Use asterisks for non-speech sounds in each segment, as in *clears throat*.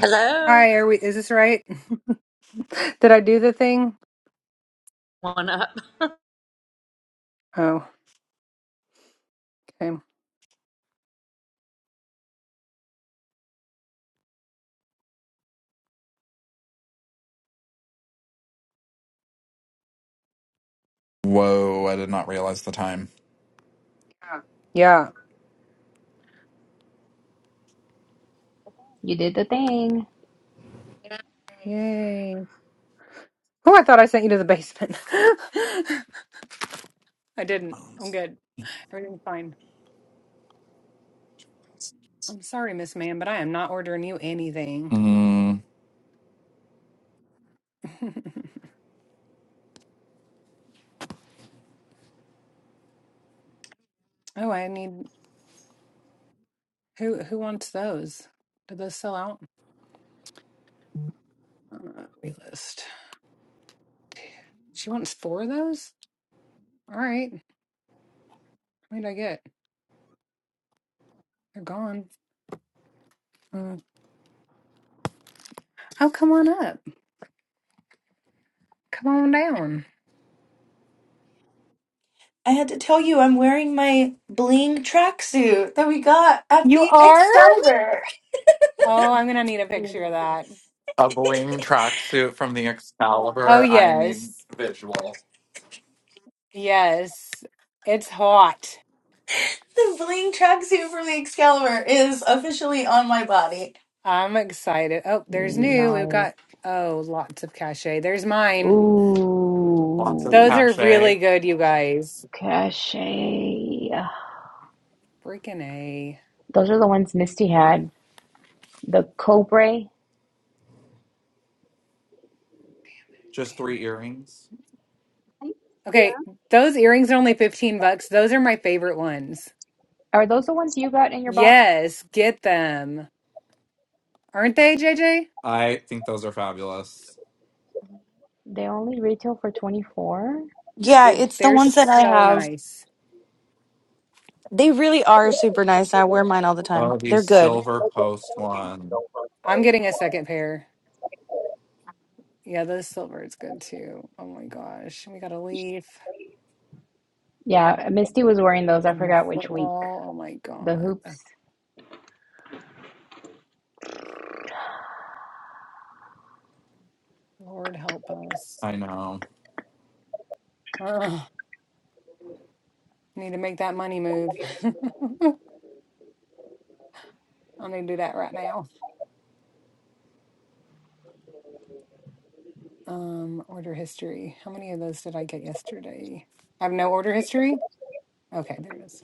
Hello. Hi, are we, is this right? *laughs* Did I do the thing? Oh, okay. Whoa, I did not realize the time. Yeah. You did the thing. Yay. Oh, I thought I sent you to the basement. *laughs* I didn't. I'm good. Everything's fine. I'm sorry, Miss Ma'am, but I am not ordering you anything. Mm, *laughs* oh, I need who who wants those? Did those sell out? Uh, we list. She wants four of those? All right. What did I get? They're gone. Mm. Oh, come on up. Come on down. I had to tell you, I'm wearing my bling tracksuit that we got at You the are? Excalibur. Oh, I'm gonna need a picture of The that. a bling tracksuit from the Oh, Excalibur. I need yes. visual. Yes. It's hot. bling tracksuit from the Excalibur is officially on my body. I'm excited. Oh, there's new. We've Nice. got, oh, lots of cachet. There's mine. Lots of Those Ooh, are cachet. really good, you guys. cachet. Freaking A. Those are the ones Misty had. The Cobra. Just Damn three it. earrings. *laughs* Okay. Those earrings are only 15 bucks. Those are my favorite ones. Are those the ones you got in your box? Yes. Get them. Aren't they, JJ? I think those are fabulous. They only retail for 24? Yeah, Dude, it's the they're ones that I so have. nice. They really are super nice. I wear mine all the time. Oh, the They're good. silver post one. I'm getting a second pair. Yeah, the silver is good too. Oh my gosh. We got a leaf. Yeah, Misty was wearing those. I and the forgot which week. football. Oh my The God. hoops. Lord help us. I know. Ugh. Need to make that money move. *laughs* I need to do that right now. Um, order history. How many of those did I get yesterday? I have no order history. Okay, there it is.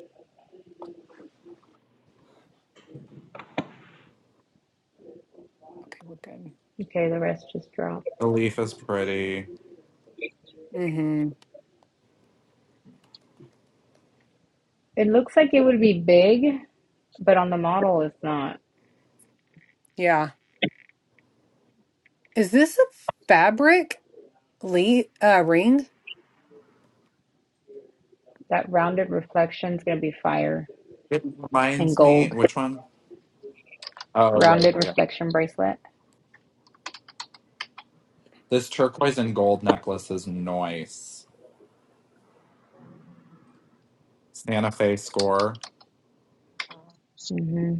Okay, we're good. Okay, the rest just dropped. The leaf is pretty. Mm-hmm. It looks like it would be big, but on the model it's not. Yeah. Is this a fabric le uh ring? That rounded reflection is gonna be fire It and reminds me, gold. which one? Oh, yeah, Rounded yeah, yeah. reflection bracelet. This turquoise and gold necklace is nice. Santa Fe score. Mm-hmm.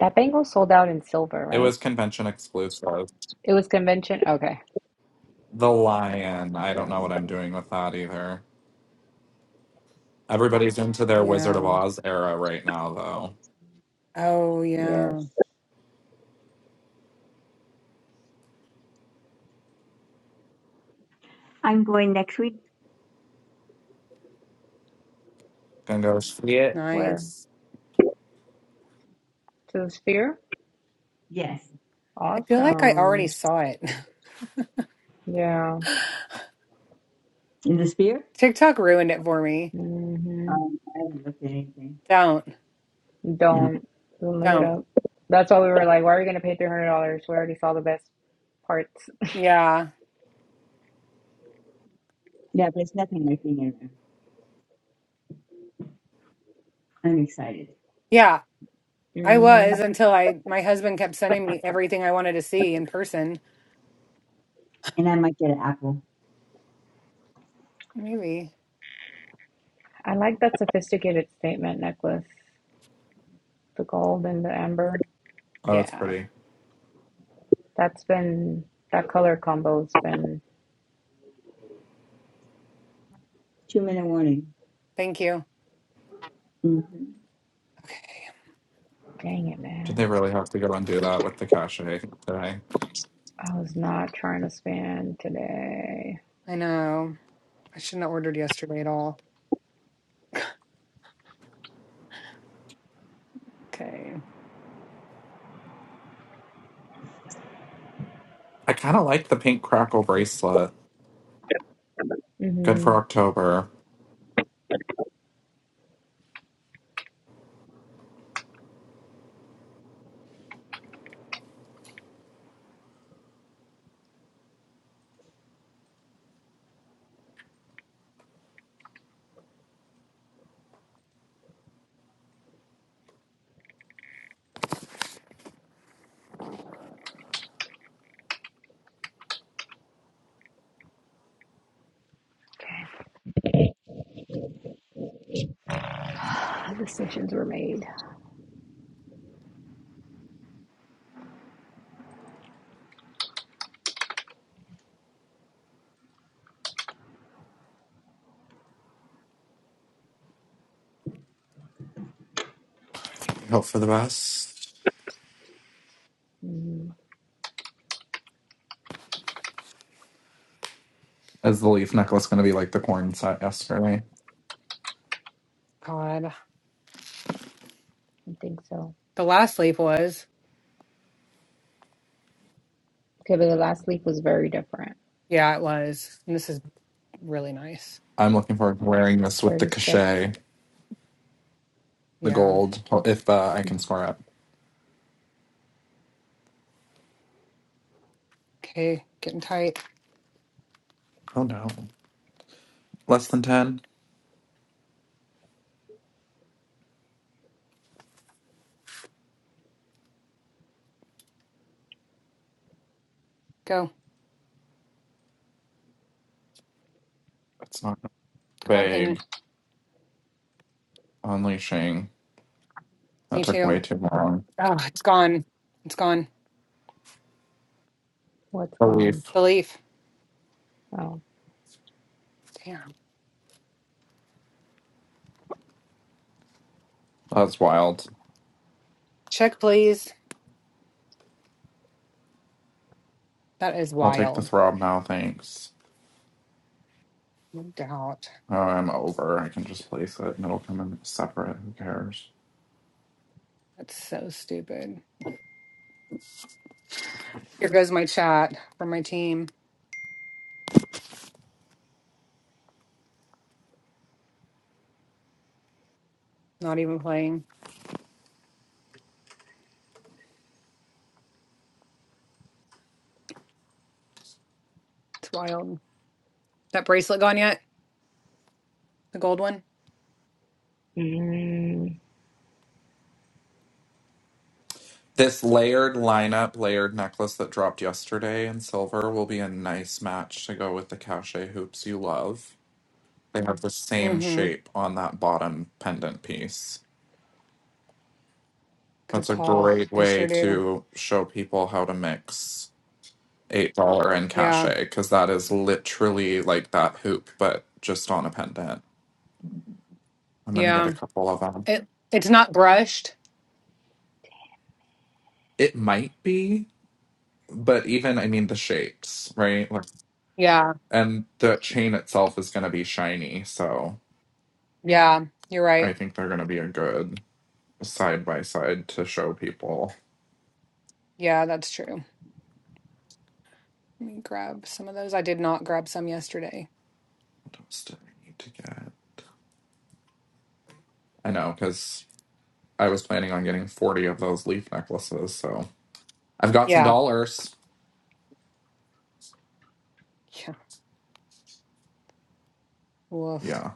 That bangle sold out in silver, It was right? convention exclusive. It was convention. Okay, The Lion. I I don't couldn't know what I'm remember. doing with that either. Everybody's into their Wizard of Yeah. Oz era right now, though. Oh yeah. Yes. I'm going next week. Gonna go see it. Where? Nice. To the sphere? Yes. I feel like I already Awesome. saw it. Yeah. *laughs* In the spear? TikTok ruined it for me. hmm Um, I haven't looked at anything. Don't. No. Don't. Don't look it Don't. up. That's why we were like, why are we going to pay $300? We already saw the best parts. Yeah. Yeah, but it's nothing like being in there. I'm excited. Yeah, I hmm was until I my husband kept sending me everything I wanted to see in person. And I might get an apple. Maybe. I like that sophisticated statement necklace, the gold and the amber. Oh, it's Yeah. pretty. That's been, that color combo's been, Two minute warning. Thank you. hmm Okay. dang it, Did man. they really have to go and do that with the cachet today? I was not trying to span today. I know. I shouldn't have ordered yesterday at all. Okay. I kind of like the pink crackle bracelet. Good hmm for October. Uh, Decisions were made. Hope for the best. Mm, Is the leaf necklace going to be like the corn set yesterday? God. I think so. The last sleep was. Okay, but the last week was very different. Yeah, it was. And this is really nice. I'm looking forward to wearing this with the 36. cachet, the Yeah. gold, if uh, I can score it. Okay. Getting tight. Oh no. Less than 10? Go. That's not Come on, payment. big. Unleashing. That Me took way too. too long. Oh, it's gone. It's gone. What's A gone? leaf. The leaf. Oh. Damn. That's wild. Check, please. That is I'll take the wild. throb now, thanks. No doubt. Oh, I'm over. I can just place it and it'll come in separate. Who cares? That's so stupid. Here goes my chat from my team. Not even playing. It's wild. That bracelet gone yet? The gold one? Mm. This layered lineup, layered necklace that dropped yesterday in silver will be a nice match to go with the cachet hoops you love. They have the same Mm-hmm. shape on that bottom pendant piece. Good That's a call. great They way sure do. to show people how to mix eight dollar in Yeah. cachet because that is literally like that hoop, but just on a pendant. I'm gonna get a Yeah. couple of them. It it's not brushed. It might be, but even I mean the shapes, right? Like, Yeah. and the chain itself is gonna be shiny, so Yeah. You're I right. think they're gonna be a good side by side to show people. Yeah, that's true. Let me grab some of those. I did not grab some yesterday. What else did I need to get? I know because I was planning on getting forty of those leaf necklaces, so I've got some Yeah. dollars. Yeah. Woof. Yeah.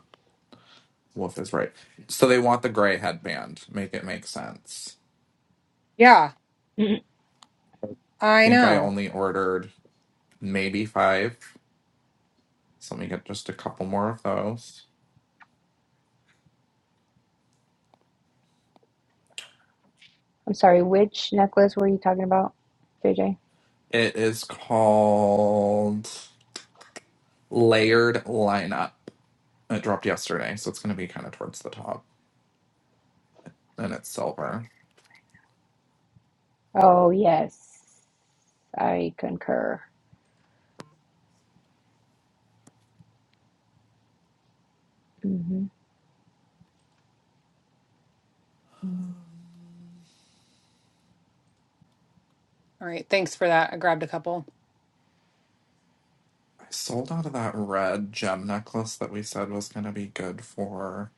Wolf is right. So they want the gray headband. Make it make sense. Yeah. I'm I Think I know. only ordered maybe five. So let me get just a couple more of those. sorry, which necklace were you talking about, J J? It is called Layered Lineup. It dropped yesterday, so it's going to be kind of towards the top. And it's silver. Oh, yes. I concur. Mm-hmm. All right. Thanks for that. I grabbed a couple. I sold out of that red gem necklace that we said was going to be good for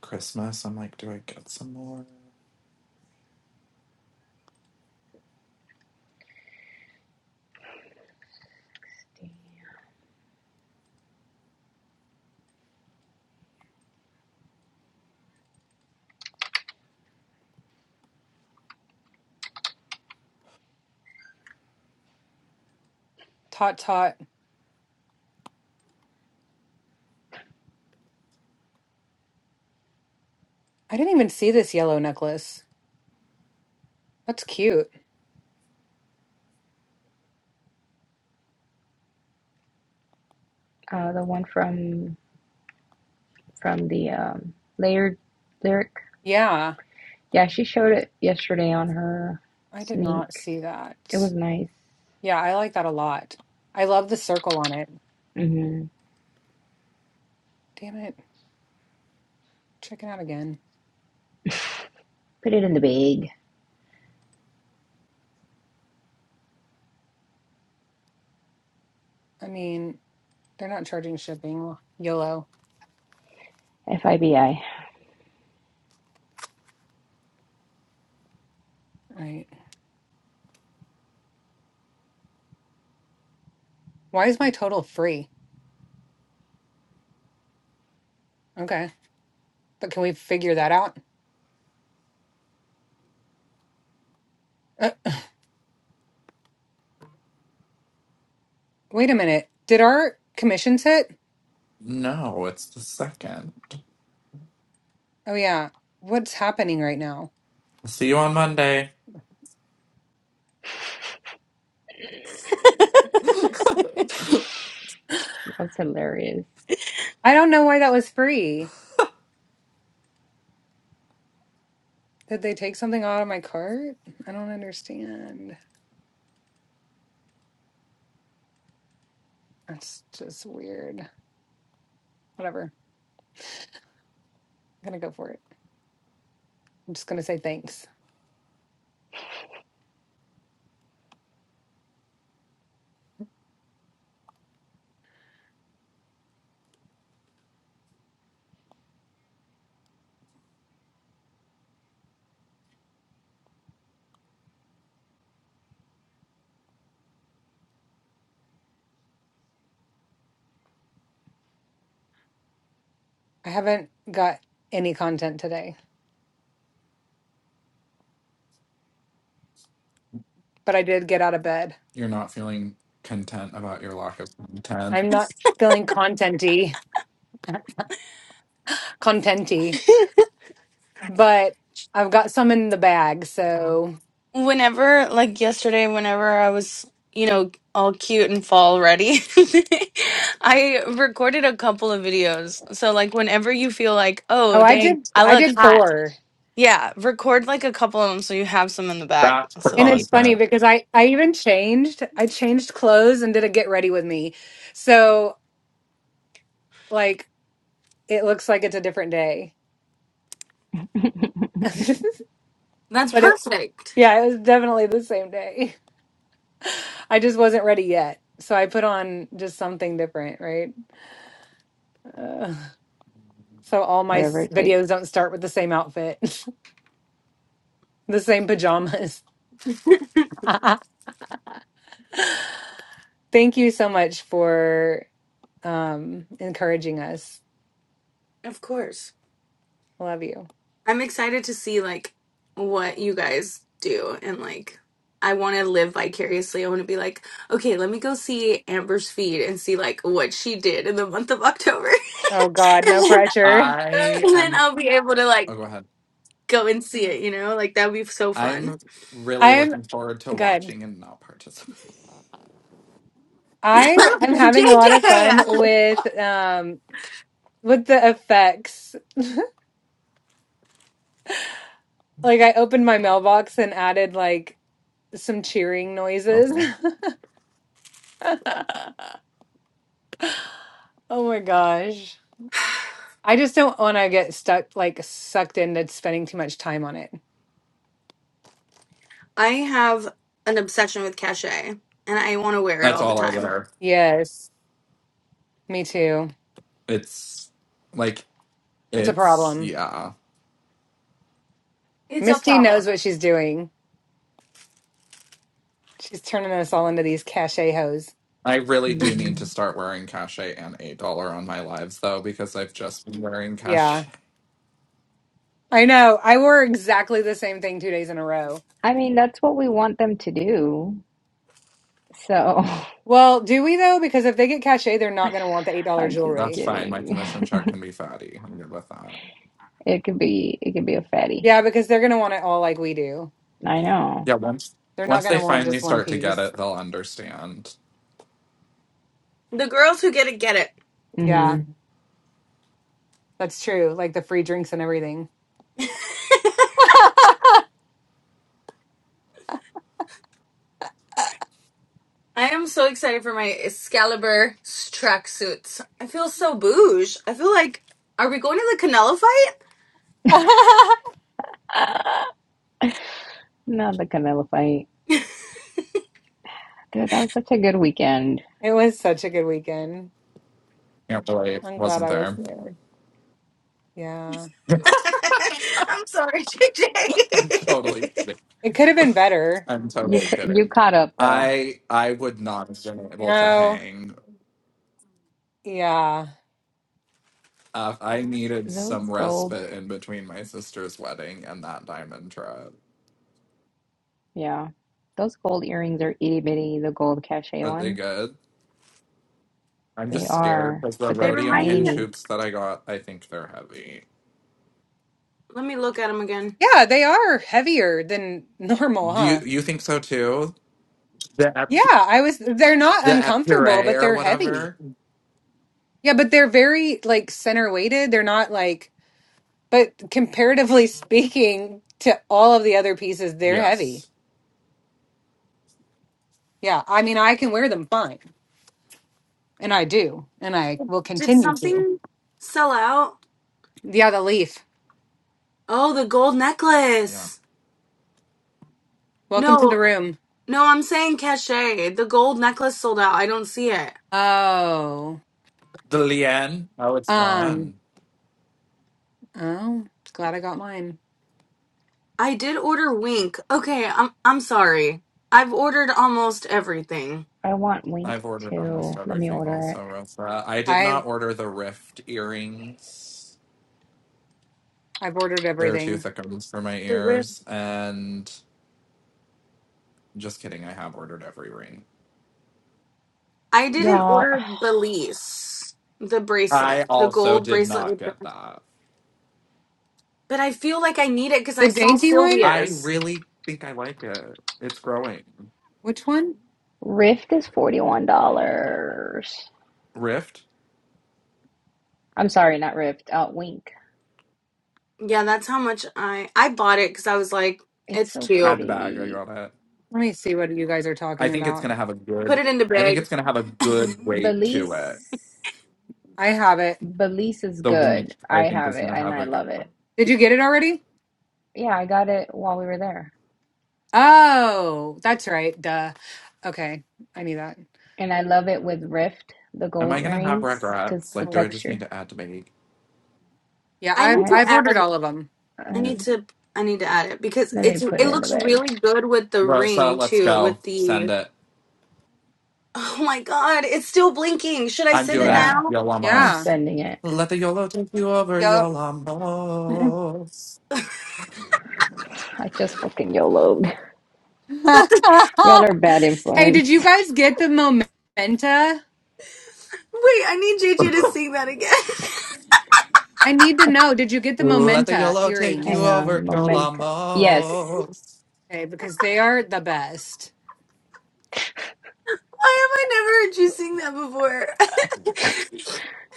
Christmas. I'm like, do I get some more? Tot tot. I didn't even see this yellow necklace. That's cute. Uh, the one from from the um, layered lyric. Yeah. Yeah, she showed it yesterday on her I did not sneak. see that. It was nice. Yeah, I like that a lot. I love the circle on it. Mm-hmm. Damn it. Check it out again. Put it in the bag. I mean, they're not charging shipping. YOLO. FIBI. Right. Why is my total free? Okay. But can we figure that out? Uh, wait a minute. Did our commissions hit? No, it's the second. Oh, yeah. What's happening right now? See you on Monday. *laughs* That's hilarious. I don't know why that was free. Did they take something out of my cart? I don't understand. That's just weird. Whatever. I'm going to go for it. I'm just going to say thanks. I haven't got any content today. but I did get out of bed. You're not feeling content about your lack of content. I'm not feeling contenty, contenty, but I've got some in the bag. So, Whenever, like yesterday, whenever I was, you know, all cute and fall ready, *laughs* I recorded a couple of videos. So, like, whenever you feel like, oh, oh, I did, dang, I I look did hot. four. Yeah, record like a couple of them so you have some in the back. That's the So And that you it's funny content. because I, I even changed, I changed clothes and did a get ready with me. So like, it looks like it's a different day, *laughs* but That's it, perfect. yeah, it was definitely the same day. *laughs* I just wasn't ready yet. So I put on just something different, right? Uh, so all my whatever s- it takes. videos don't start with the same outfit. *laughs* the same pajamas. *laughs* Thank you so much for um encouraging us. Of course. I love you. I'm excited to see like what you guys do and like I want to live vicariously. I want to be like, okay, let me go see Amber's feed and see like what she did in the month of October. *laughs* Oh God, and no then pressure. I and then am. I'll be able to like Oh, go ahead. go and see it, you know? Like that would be so fun. I'm really I'm looking forward to good. watching and not participating. *laughs* *laughs* I am having a lot of fun JJ. with um with the effects. Like I opened my mailbox and added like some cheering noises. Oh, *laughs* Oh my gosh. I just don't want to get stuck like sucked into spending too much time on it. I have an obsession with cachet and I want to wear it that's all the all I time. wear. Yes, me too. It's like It's a it's problem. yeah. It's a Misty problem. knows what she's doing. She's turning us all into these cachet hoes. I really do hmm need to start wearing cachet and eight dollar on my lives though, because I've just been wearing Yeah. cachet. I know. I wore exactly the same thing two days in a row. I mean, that's what we want them to do. So Well, do we though? Because if they get cachet, they're not going to want the $8 *laughs* I'm *laughs* just That's jewelry. fine. My kidding. *laughs* commission check can be fatty. I'm good with that. It could be it could be a fatty. Yeah, because they're going to want it all like we do. I know. Yeah, once They're not once going they to want finally just one start to get piece. it, they'll understand. The girls who get it get it. hmm Yeah, that's true. Like the free drinks and everything. *laughs* I am so excited for my Excalibur s- tracksuits. I feel so bouge. I feel like, are we going to the Canelo *gasps* Not the Canelo fight. fight? Dude, that was such a good weekend. it was such a good weekend. Can't believe I'm glad wasn't I was there. there. Yeah. *laughs* *laughs* I'm sorry, *laughs* I'm totally JJ. kidding. It could have been better. I'm You totally cou- you kidding. caught up though. I I would not have been able to No. hang. Yeah. Uh, I needed Those some gold, respite in between my sister's wedding and that diamond trip. yeah, those gold earrings are itty bitty. The gold cachet Are they ones, good? I'm they just scared are, because the but they they're rhodium remind me. hinge tiny. hoops that I got, I think they're heavy. Let me look at them again. Yeah, they are heavier than *laughs* normal, Do you huh? you think so too? The ep- Yeah, I was, they're not the uncomfortable, but epure or they're heavy. whatever. Yeah, but they're very like center weighted. They're not like, but comparatively *laughs* speaking to all of the other pieces, they're heavy. Yes. Yeah, I mean, I can wear them fine, and I do, and I will Did continue to. something sell out? Yeah, the leaf. Oh, the gold Yeah. necklace. Welcome to the No, room. no, I'm saying cachet. The gold necklace sold out. I don't see it. Oh, The lien. Oh, it's um, gone. oh, glad I got mine. I did order Wink. Okay, I'm I'm sorry. I've ordered almost everything. I want Wink I've ordered almost too. Let me everything order it, also, Rosa. I did I've not order the Rift earrings. I've ordered They're too everything. thick ones for my The rib. ears. And just kidding, I have ordered every ring. I didn't y'all. order Belize, the I bracelet, the also gold did bracelet not with the, get that. but I feel like I need it because The I saw dainty one? I Sylvia's. really think I like it. It's growing. Which one? Rift is $41. Rift, I'm sorry, not Rift. Uh, Wink. Yeah, that's how much I I bought it because I was like, It's it's so cute. add the bag. I pretty. got it. Let me see what you guys are I talking think it's about. gonna have a Put good. it in the I think bag. it's gonna have a good weight to Belize. it. I have it. Belize is The wink, good. I I think, have is it gonna and have I a good love it. one. Did you get it already? Yeah, I got it while we were there. Oh, that's right. Duh. Okay, I knew that. And I love it with Rift, the Am gold I gonna have earrings, because regrets? the Like, do I Oh. just need texture. to add to my Yeah, I I've need I, to I've ordered add. all of them. I I, need to. I need to add it because let me it's put it it in the looks bag. really good with the Rosa, ring let's too. go. With Send the it. oh my god, it's still blinking. Should I I'm send it doing a Yeah, now? I'm Yeah. Yolamos. sending it. Let the YOLO take you over, Yeah. *laughs* Yolamos. I just fucking YOLO'd. That's *laughs* *laughs* Y'all are bad hey, did you influence. guys get the Momenta? wait, I need JJ to sing that again. *laughs* I need to know. Did you get the Let the Momenta YOLO take you Hang earrings? over, on. Momentum. Yes. Yolamos. Okay, because they are the best. Why have I never heard you sing that before? *laughs*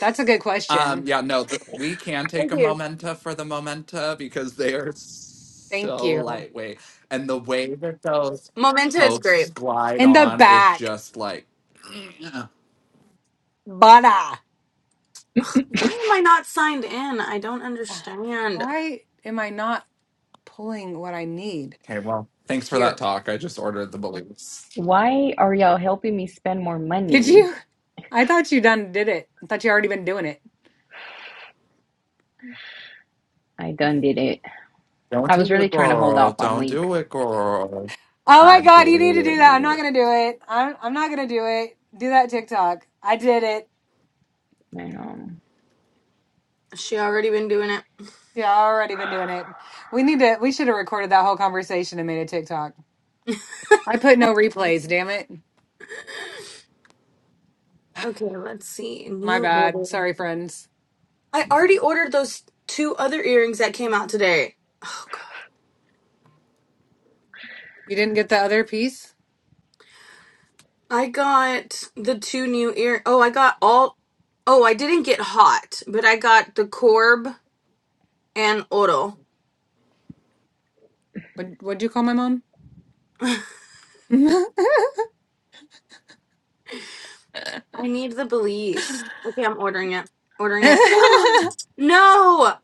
That's a good Um, question. yeah, no, the, we can take a Okay. momenta for the momenta because they are Thank so you. lightweight. And the way that those Momenta is posts great. glide In the on is back, just like, *clears throat* butter. Why am I not signed in? I don't understand. Why am I not? pulling what I need okay, well, thanks for that here. talk. I just ordered the balloons. Why are y'all helping me spend more Did money? you? I thought you done did it. I thought you already been doing it. I done did it. Don't I was do really it, trying to hold girl. off on Don't Wink. do it, girl. Oh my I god, did you need to do that. I'm not it. gonna do it. I'm I'm not gonna do it. Do that TikTok. I did it. And, um, Has She already been doing it. Yeah, I already been doing it. We need to we should have recorded that whole conversation and made a TikTok. I put no replays, damn it. Okay, let's see. My New bad. order. Sorry, friends. I already ordered those two other earrings that came out today. Oh god. You didn't get the other piece? I got the two new ear. Oh, I got all. Oh, I didn't get hot, but I got the Corb and Oro. What what'd you call my mom? *sighs* I *laughs* it need the Belize. Okay, I'm ordering it. Ordering it. *gasps* no,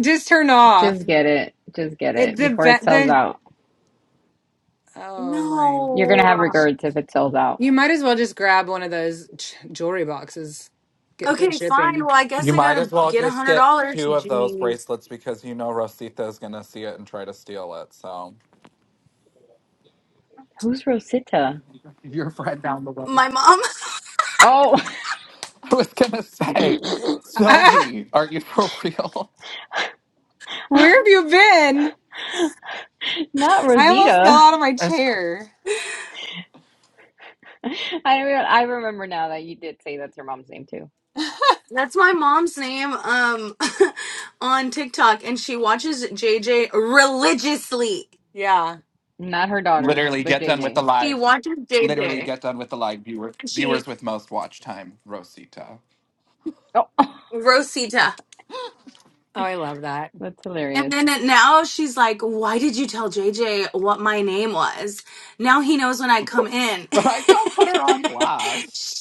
just turned off. just get it. Just get It it the before it ve- sells the out. Oh my You're gonna have no. gosh. regrets if it sells out. You might as well just grab one of those j- jewelry boxes. Get free Okay, fine. shipping. Well, I guess You I might as gotta well get a just hundred get dollars. two of those Jeez, bracelets because you know Rosita is going to see it and try to steal it. So, Who's Rosita? *laughs* your friend down the way. my mom. *laughs* Oh, *laughs* I was going to say, *laughs* Sylvie, are you for real? Where have you been? *laughs* not I almost fell Rosita. out of my That's- chair. *laughs* I re- I remember now that you did say that's her mom's name too. *laughs* That's my mom's name. Um, *laughs* on TikTok, and she watches JJ religiously. Yeah. Not her daughter, Literally, but get J done with the J. She live. watches Literally, JJ, get done with the live viewer, and she viewers with most watch time, Rosita. Oh, *laughs* Rosita. Oh, I love that. that's And hilarious. then it- now she's like, "Why did you tell JJ what my name was? Now he knows when I come in." But I *laughs* don't put her on blast.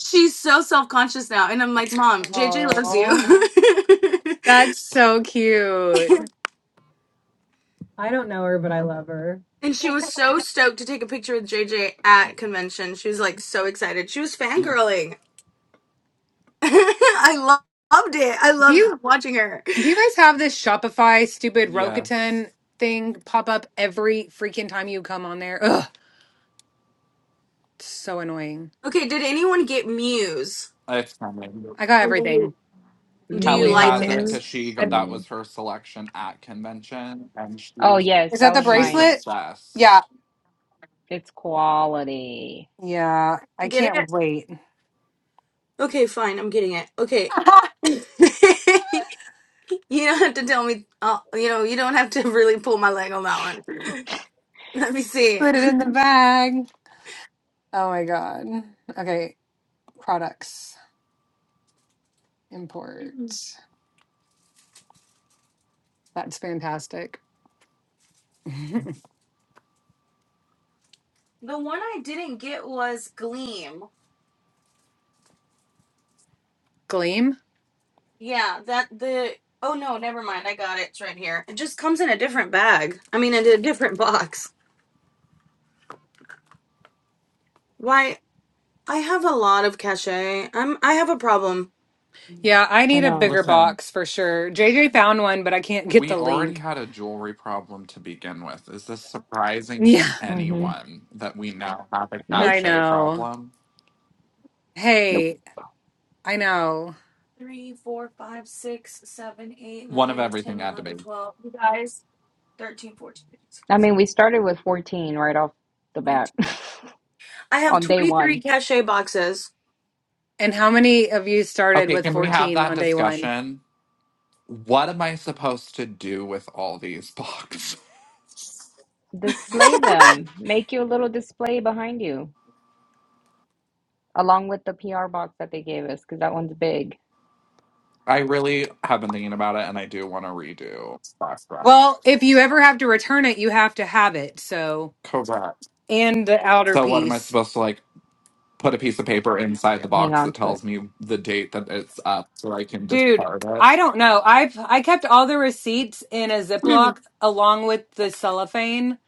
She's so self conscious now, and I'm like, "Mom, JJ loves you." Oh, *laughs* that's so cute. I don't know her, but I love her. And she was so stoked to take a picture with JJ at convention. She was like so excited. She was *laughs* fangirling. *laughs* I lo- loved it. I Do loved you watching her. do you guys have this Shopify stupid yes, Rokutan thing pop up every freaking time you come on there? Ugh, it's so annoying. Okay, did anyone get Muse? it's coming. I got And do everything. you do you Kelly like has it it? Muse, because she got, I, that Muse. was her selection at convention, and Oh she's yes, is that that the was she's mine. bracelet? Yeah. obsessed. It's quality. Yeah, I Get can't it? wait. *laughs* Okay, fine. I'm getting it. Okay. *laughs* you don't have to tell me. Uh, you know, you don't have to really pull my leg on that one. *laughs* Let me see. Put it in the bag. Oh my God. Okay, products import. The That's fantastic. *laughs* one I didn't get was Gleam. Gleam. Yeah, that the oh no, never mind. I got it. It's right here. It just comes in a different bag. I mean, in a different box. Why? I have a lot of cachet. I'm I have a problem. Yeah, I I need a know. bigger Listen, box for sure. JJ found one, but I can't get we the already link. had a jewelry problem to begin with. Is this surprising to Yeah, hmm anyone that we now have a *laughs* Nope. I cachet know. problem? Nope. Hey, I know. Three, four, five, six, seven, eight, One of nine, ten, everything had to eleven, be. twelve. You guys, thirteen, fourteen, fifteen, I sixteen, mean, seventeen, we started with 14 right off the bat twenty-two. I *laughs* have on day twenty-three one. cachet boxes. And how many of you started Okay, with can we have 14 that on day one? discussion? What am I supposed to do with all these boxes? *laughs* Display *laughs* them. Make you a little display behind you, along with the PR box that they gave us, because that one's big. I really have been thinking about it, and I do want to redo. Splash Well, if you ever have to return it, you have to have it. So, Correct. and the outer So what am I piece. supposed to like? put a piece of paper inside the Hang box on that to it. tells me the date that it's up so I can Dude, discard it. I don't know. I've I kept all the receipts in a the Ziploc along with the cellophane,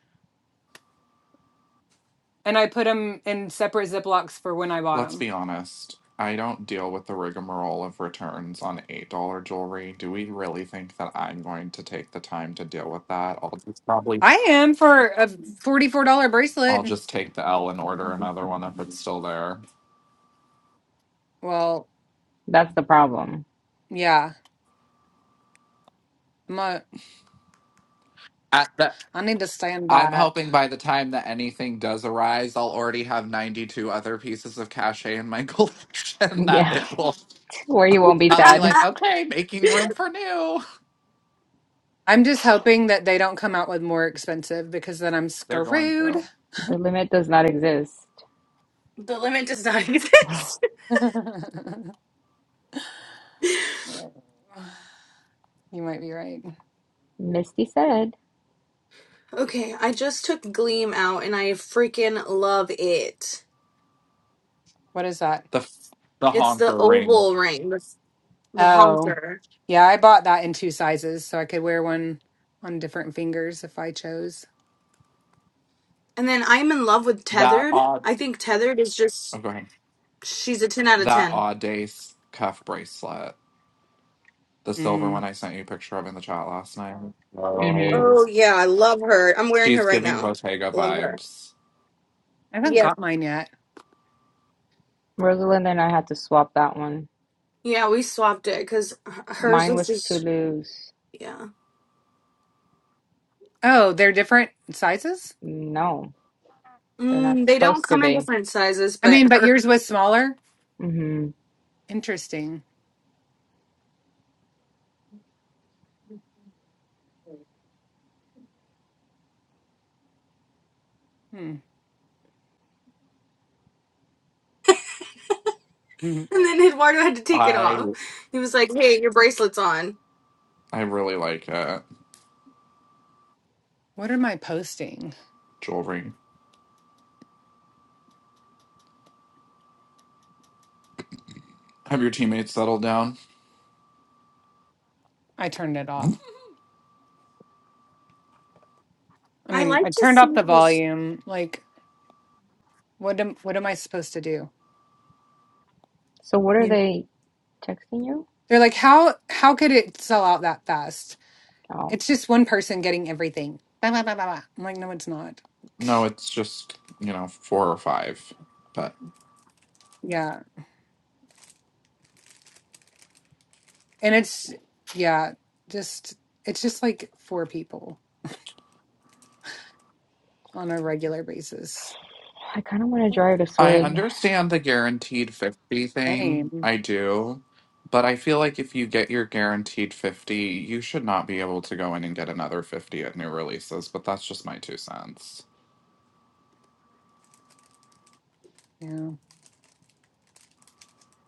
and I put them in separate Ziplocs for when I bought Let's them. be honest. I don't deal with the rigmarole of returns on $8 jewelry. Do we really think that I'm going to take the time to deal with that? I'll just probably I am for a forty-four dollar I'll bracelet. just take the L and order another one if it's still there. Well, That's the problem. yeah, I'm a, At the I need to stand by I'm it. hoping by the time that anything does arise, I'll already have 92 other pieces of cachet in my *laughs* collection that Yeah. it will *laughs* Where you won't be I'll be sad. like, okay, making room for new. I'm just hoping that they don't come out with more expensive because then I'm They're going screwed. to. *laughs* The limit does not exist. limit does not exist. you *laughs* might be right. Misty said. okay, I just took Gleam out, and I freaking love it. What is that? the f- the It's the honker ring, oval ring, the, the Oh, honker. yeah, I bought that in two sizes, so I could wear one on different fingers if I chose. And then I'm in love with that Tethered. odd I think Tethered is oh, just, go ahead. she's a 10 out of that 10. odd days cuff bracelet, the silver Mm, one I sent you a picture of in the chat last night. Mm Oh, Those. yeah. I love her. I'm wearing her She's right giving now. Bottega Love her. vibes. I haven't Yes. got mine yet. hmm. Rosalind and I had to swap that one. Yeah, we swapped it because hers Mine was was too just, loose. yeah. Oh, they're different sizes? No, they're Mm, not they don't supposed to come in be. different sizes, I but mean, but her. *laughs* yours was smaller? Mm hmm. Interesting. Hmm. *laughs* Mhm. And then Eduardo had to take it I off. He was like, hey, your bracelet's on. I really like it. What am I posting? Jewelry. Have your teammates settled down? I turned it off. I I mean, like I to turned up see the these. volume. Like, what am what am I supposed to do? So, what are they texting you? They're like, how how could it sell out that fast? Oh, It's just one person getting everything. Blah, blah, blah, blah, blah. I'm like, no, it's not. No, it's just you know four or five, but. Yeah. And it's, yeah, just, it's just like four people on a regular basis. I kind of want to drive to I Swig understand the guaranteed 50 thing. Same. I do. But I feel like if you get your guaranteed 50, you should not be able to go in and get another 50 at new releases. But that's just my two cents. Yeah.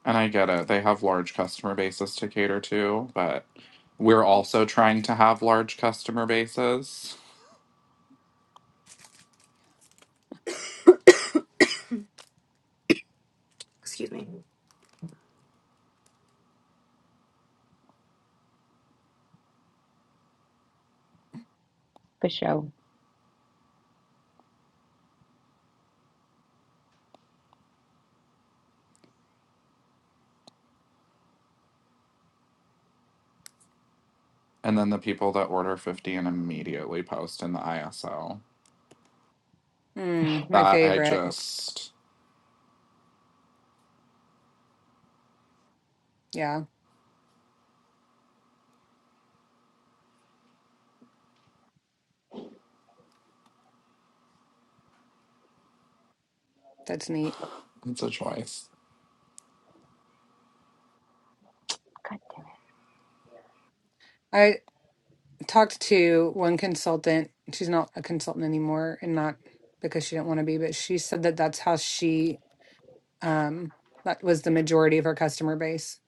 And I get it. They have large customer bases to cater to. But we're also trying to have large customer bases. Excuse me. for show. And then the people that order 50 and immediately post in the ISO. Mm, my That I favorite. just, Yeah, that's neat. it's a choice. God damn I talked to one consultant. She's not a consultant anymore and not because she didn't want to be, but she said that that's how she, um, that was the majority of her customer base.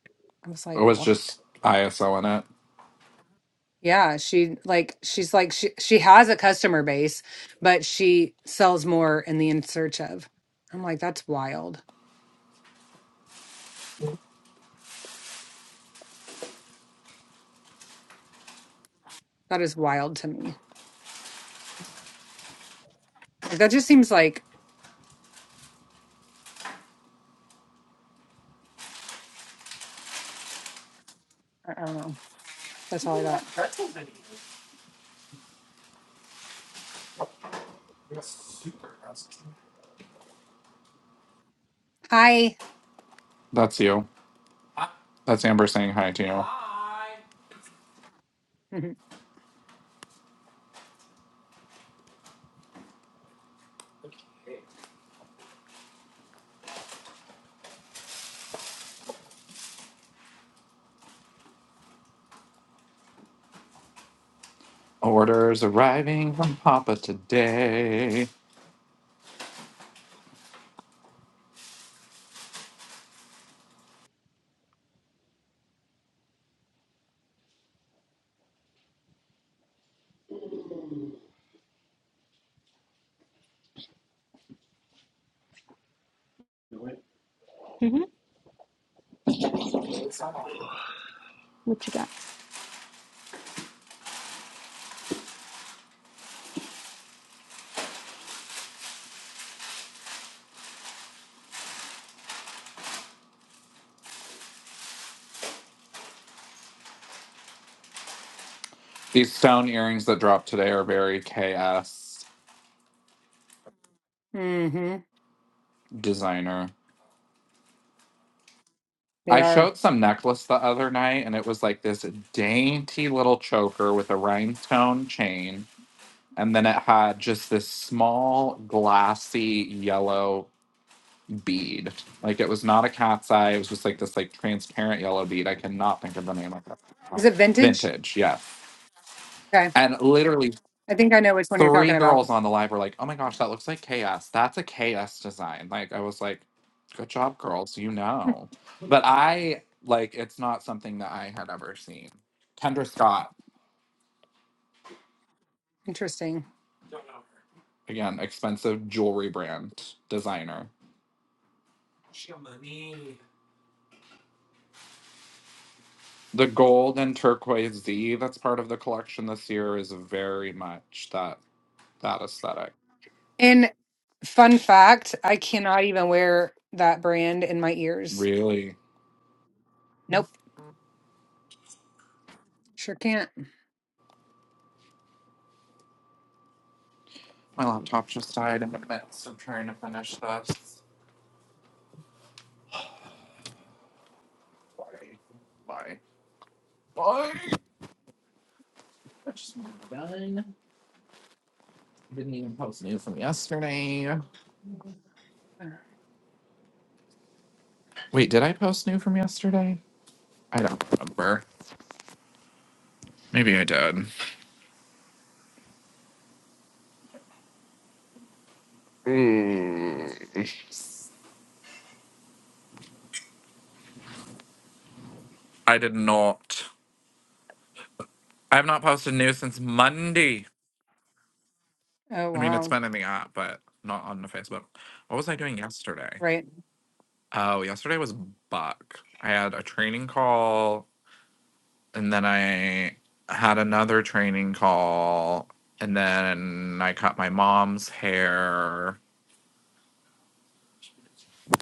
I was It like, was what? just ISO in Yeah, she like she's like she she has a customer base, but she sells more in the in search of. I'm like, that's wild. That is wild to me. Like that just seems like I I don't know. That's all I got. it. Hi. That's you. That's Amber saying hi to you. Mm-hmm. Orders arriving from Papa today. it. hmm What you got? These stone earrings that dropped today are very KS Mm-hmm. designer. They I are. showed some necklace the other night, and it was like this dainty little choker with a rhinestone chain. And then it had just this small, glassy yellow bead. Like it was not a cat's eye. It was just like this like transparent yellow bead. I cannot think of the name of it. Is it vintage? Vintage, yes. Okay. And literally I think I know which one you're three talking about. girls on the live were like, "Oh my gosh, that looks like chaos. That's a chaos design." Like I was like, "Good job, girls. You know." But I like it's not something that I had ever seen. Kendra Scott, Interesting. again, expensive jewelry brand designer. The gold and turquoise Z that's part of the collection this year is very much that that aesthetic. And fun fact, I cannot even wear that brand in my ears. Really. Nope. Sure can't. My laptop just died in the midst of trying to finish this. Why? Why? Why? Just done. Didn't even post new from yesterday. Wait, did I post new from yesterday? I don't remember. Maybe I did. Mm. I did not. I have not posted new since Monday. Oh I mean, it's wow. been in the app, but not on the Facebook. What was I doing yesterday? Right. Oh, yesterday was Buck. I had a training call, and then I had another training call, and then I cut my mom's hair.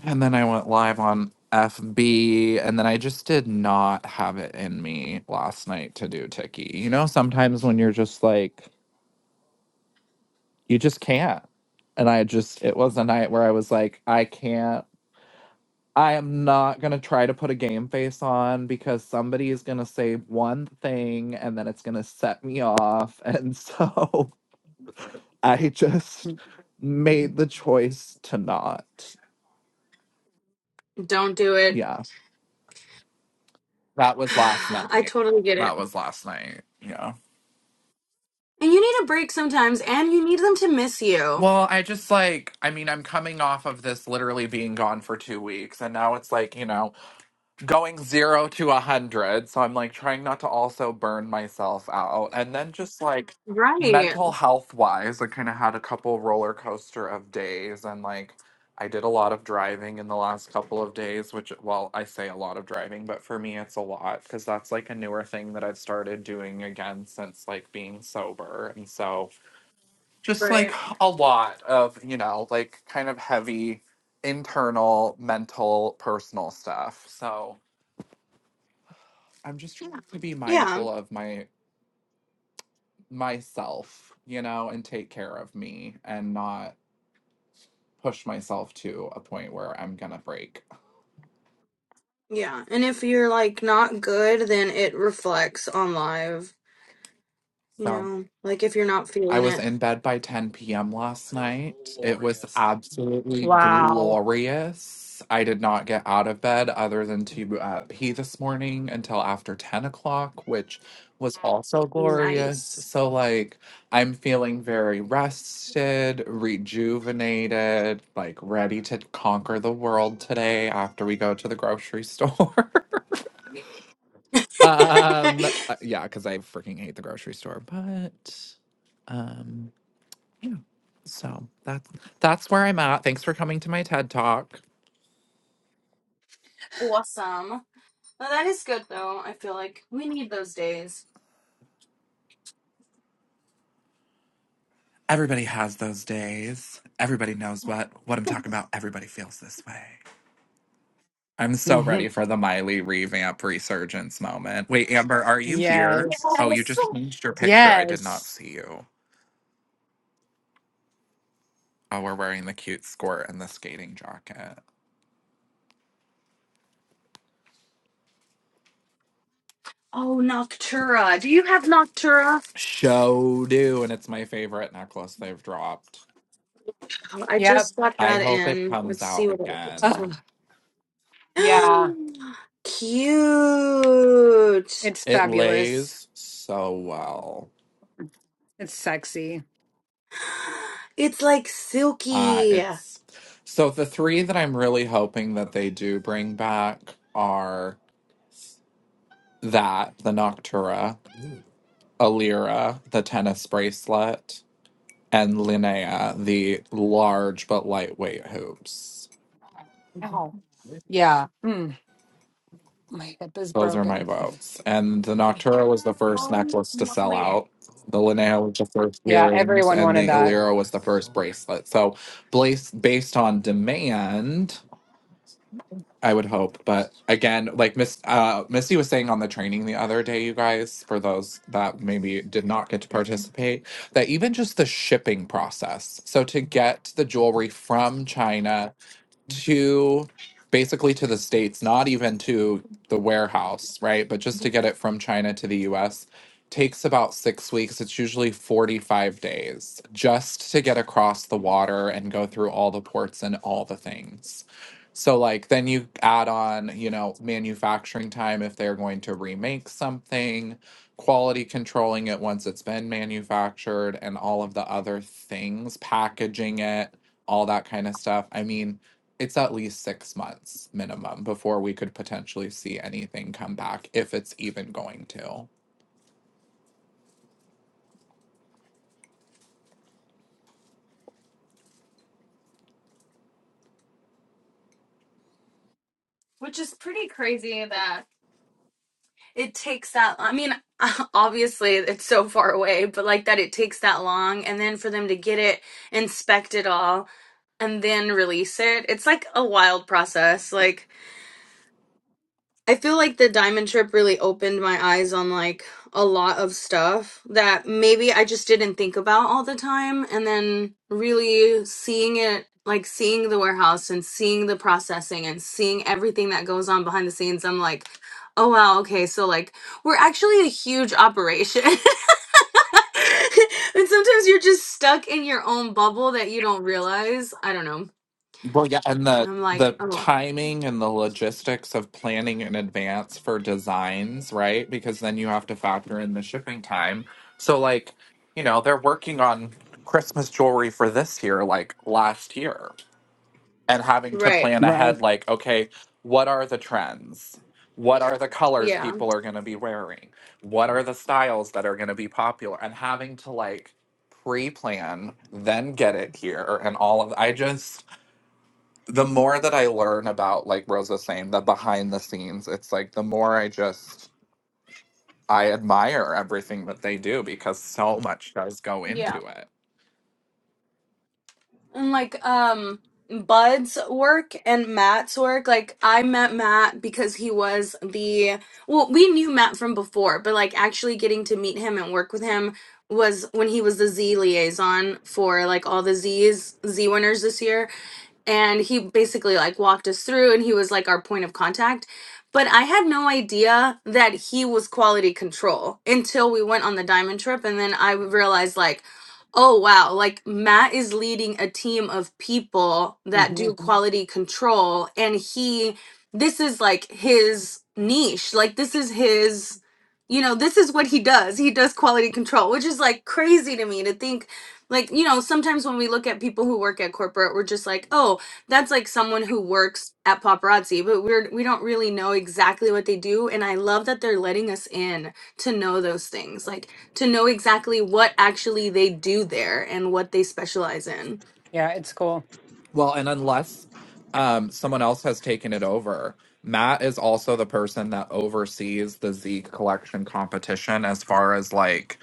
And then I went live on FB, and then I just did not have it in me last night to do Tiki. You know, sometimes when you're just like, you just can't. And I just, it was a night where I was like, I can't. I am not going to try to put a game face on because somebody is going to say one thing and then it's going to set me off. And so *laughs* I just made the choice to not. Don't do it. Yeah. That *sighs* was last I night. totally get it. That was last night. Yeah. And you need a break sometimes, and you need them to miss you. Well, I just like, I mean, I'm coming off of this literally being gone for two weeks, and now it's like, you know, going zero to a hundred. So I'm like trying not to also burn myself out. And then just like Right. mental health wise, I kind of had a couple roller coaster of days, and like I did a lot of driving in the last couple of days, which, well, I say a lot of driving, but for me, it's a lot because that's like a newer thing that I've started doing again since like being sober. And so just like Right. a lot of you know like kind of heavy internal mental personal stuff so i'm just trying to be Yeah. mindful of my myself you know and take care of me and not push myself to a point where i'm gonna break Yeah. And if you're like not good, then it reflects on live. You So know, like if you're not I feeling was it, in bed by 10 p.m. last night. It was absolutely Wow. glorious. I did not get out of bed other than to uh, pee this morning until after 10 o'clock, which was also glorious. nice. So, like, I'm feeling very rested, rejuvenated, like, ready to conquer the world today after we go to the grocery store. *laughs* *laughs* um, uh, yeah, because I freaking hate the grocery store, but. Um, yeah. So that's that's where I'm at. Thanks for coming to my TED Talk. awesome. Well, that is good though. I feel like we need those days. Everybody has those days. Everybody knows what what I'm talking about. Everybody feels this way. I'm so *laughs* ready for the Miley revamp resurgence moment. Wait, Amber, are you here? Yes. Oh, you Yes. just changed your picture. I did not Yes. see you. Oh, we're wearing the cute skirt and the skating jacket. Oh, Noctura. Do you have Noctura? Show do, and it's my favorite necklace they've dropped. Oh, I Yep. just got I that hope it in. comes Let's see out what it looks again. like. Ugh. Yeah. *gasps* Cute. It's It fabulous. lays so well. It's sexy. It's like Uh, silky. it's so the three that I'm really hoping that they do bring back are that, the Noctura, Alira, the tennis bracelet, and Linnea, the large but lightweight hoops. Ow. Yeah. Mm. My hip is Those are my broken. votes. And the Noctura was the first necklace to sell out. The Linnea was the first Yeah. earrings, Everyone and wanted the that. Alira was the first bracelet. So, blas- based on demand, I would hope, but again, like Miss uh, Misty was saying on the training the other day, you guys, for those that maybe did not get to participate, that even just the shipping process. So to get the jewelry from China to basically to the states not even to the warehouse right but just to get it from china to the us takes about six weeks it's usually 45 days just to get across the water and go through all the ports and all the things so like then you add on you know manufacturing time if they're going to remake something quality controlling it once it's been manufactured and all of the other things packaging it all that kind of stuff i mean it's at least six months minimum before we could potentially see anything come back if it's even going to which is pretty crazy that It takes that. I mean, *laughs* obviously it's so far away, but like that it takes that long, and then for them to get it, inspect it all, and then release it. It's like a wild process. Like. I feel like the diamond trip really opened my eyes on like a lot of stuff that maybe I just didn't think about all the time. And then really seeing it, like seeing the warehouse and seeing the processing and seeing everything that goes on behind the scenes, I'm like, oh wow, okay, so like we're actually a huge operation. *laughs* and sometimes you're just stuck in your own bubble that you don't realize. I don't know. well yeah and the I'm like, the oh, timing and the logistics of planning in advance for designs right because then you have to factor in the shipping time so like you know they're working on christmas jewelry for this year like last year and having to right. plan Right. ahead like okay what are the trends what are the colors Yeah. people are going to be wearing what are the styles that are going to be popular and having to like pre-plan then get it here and all of i just the more that i learn about like rosa's saying the behind the scenes it's like the more i just i admire everything that they do because so much does go yeah." into it and like um Bud's work and Matt's work. Like I met Matt because he was the well, we knew Matt from before, but like actually getting to meet him and work with him was when he was the Z liaison for like all the Z's Z winners this year and he basically like walked us through and he was like our point of contact but i had no idea that he was quality control until we went on the diamond trip and then i realized like oh wow like matt is leading a team of people that hmm do Mhm. quality control and he this is like his niche like this is his you know this is what he does he does quality control which is like crazy to me to think like you know sometimes when we look at people who work at corporate we're just like oh that's like someone who works at paparazzi but we're we don't really know exactly what they do and i love that they're letting us in to know those things like to know exactly what actually they do there and what they specialize in Yeah. It's cool. Well, and unless um, someone else has taken it over, Matt is also the person that oversees the Z collection competition as far as like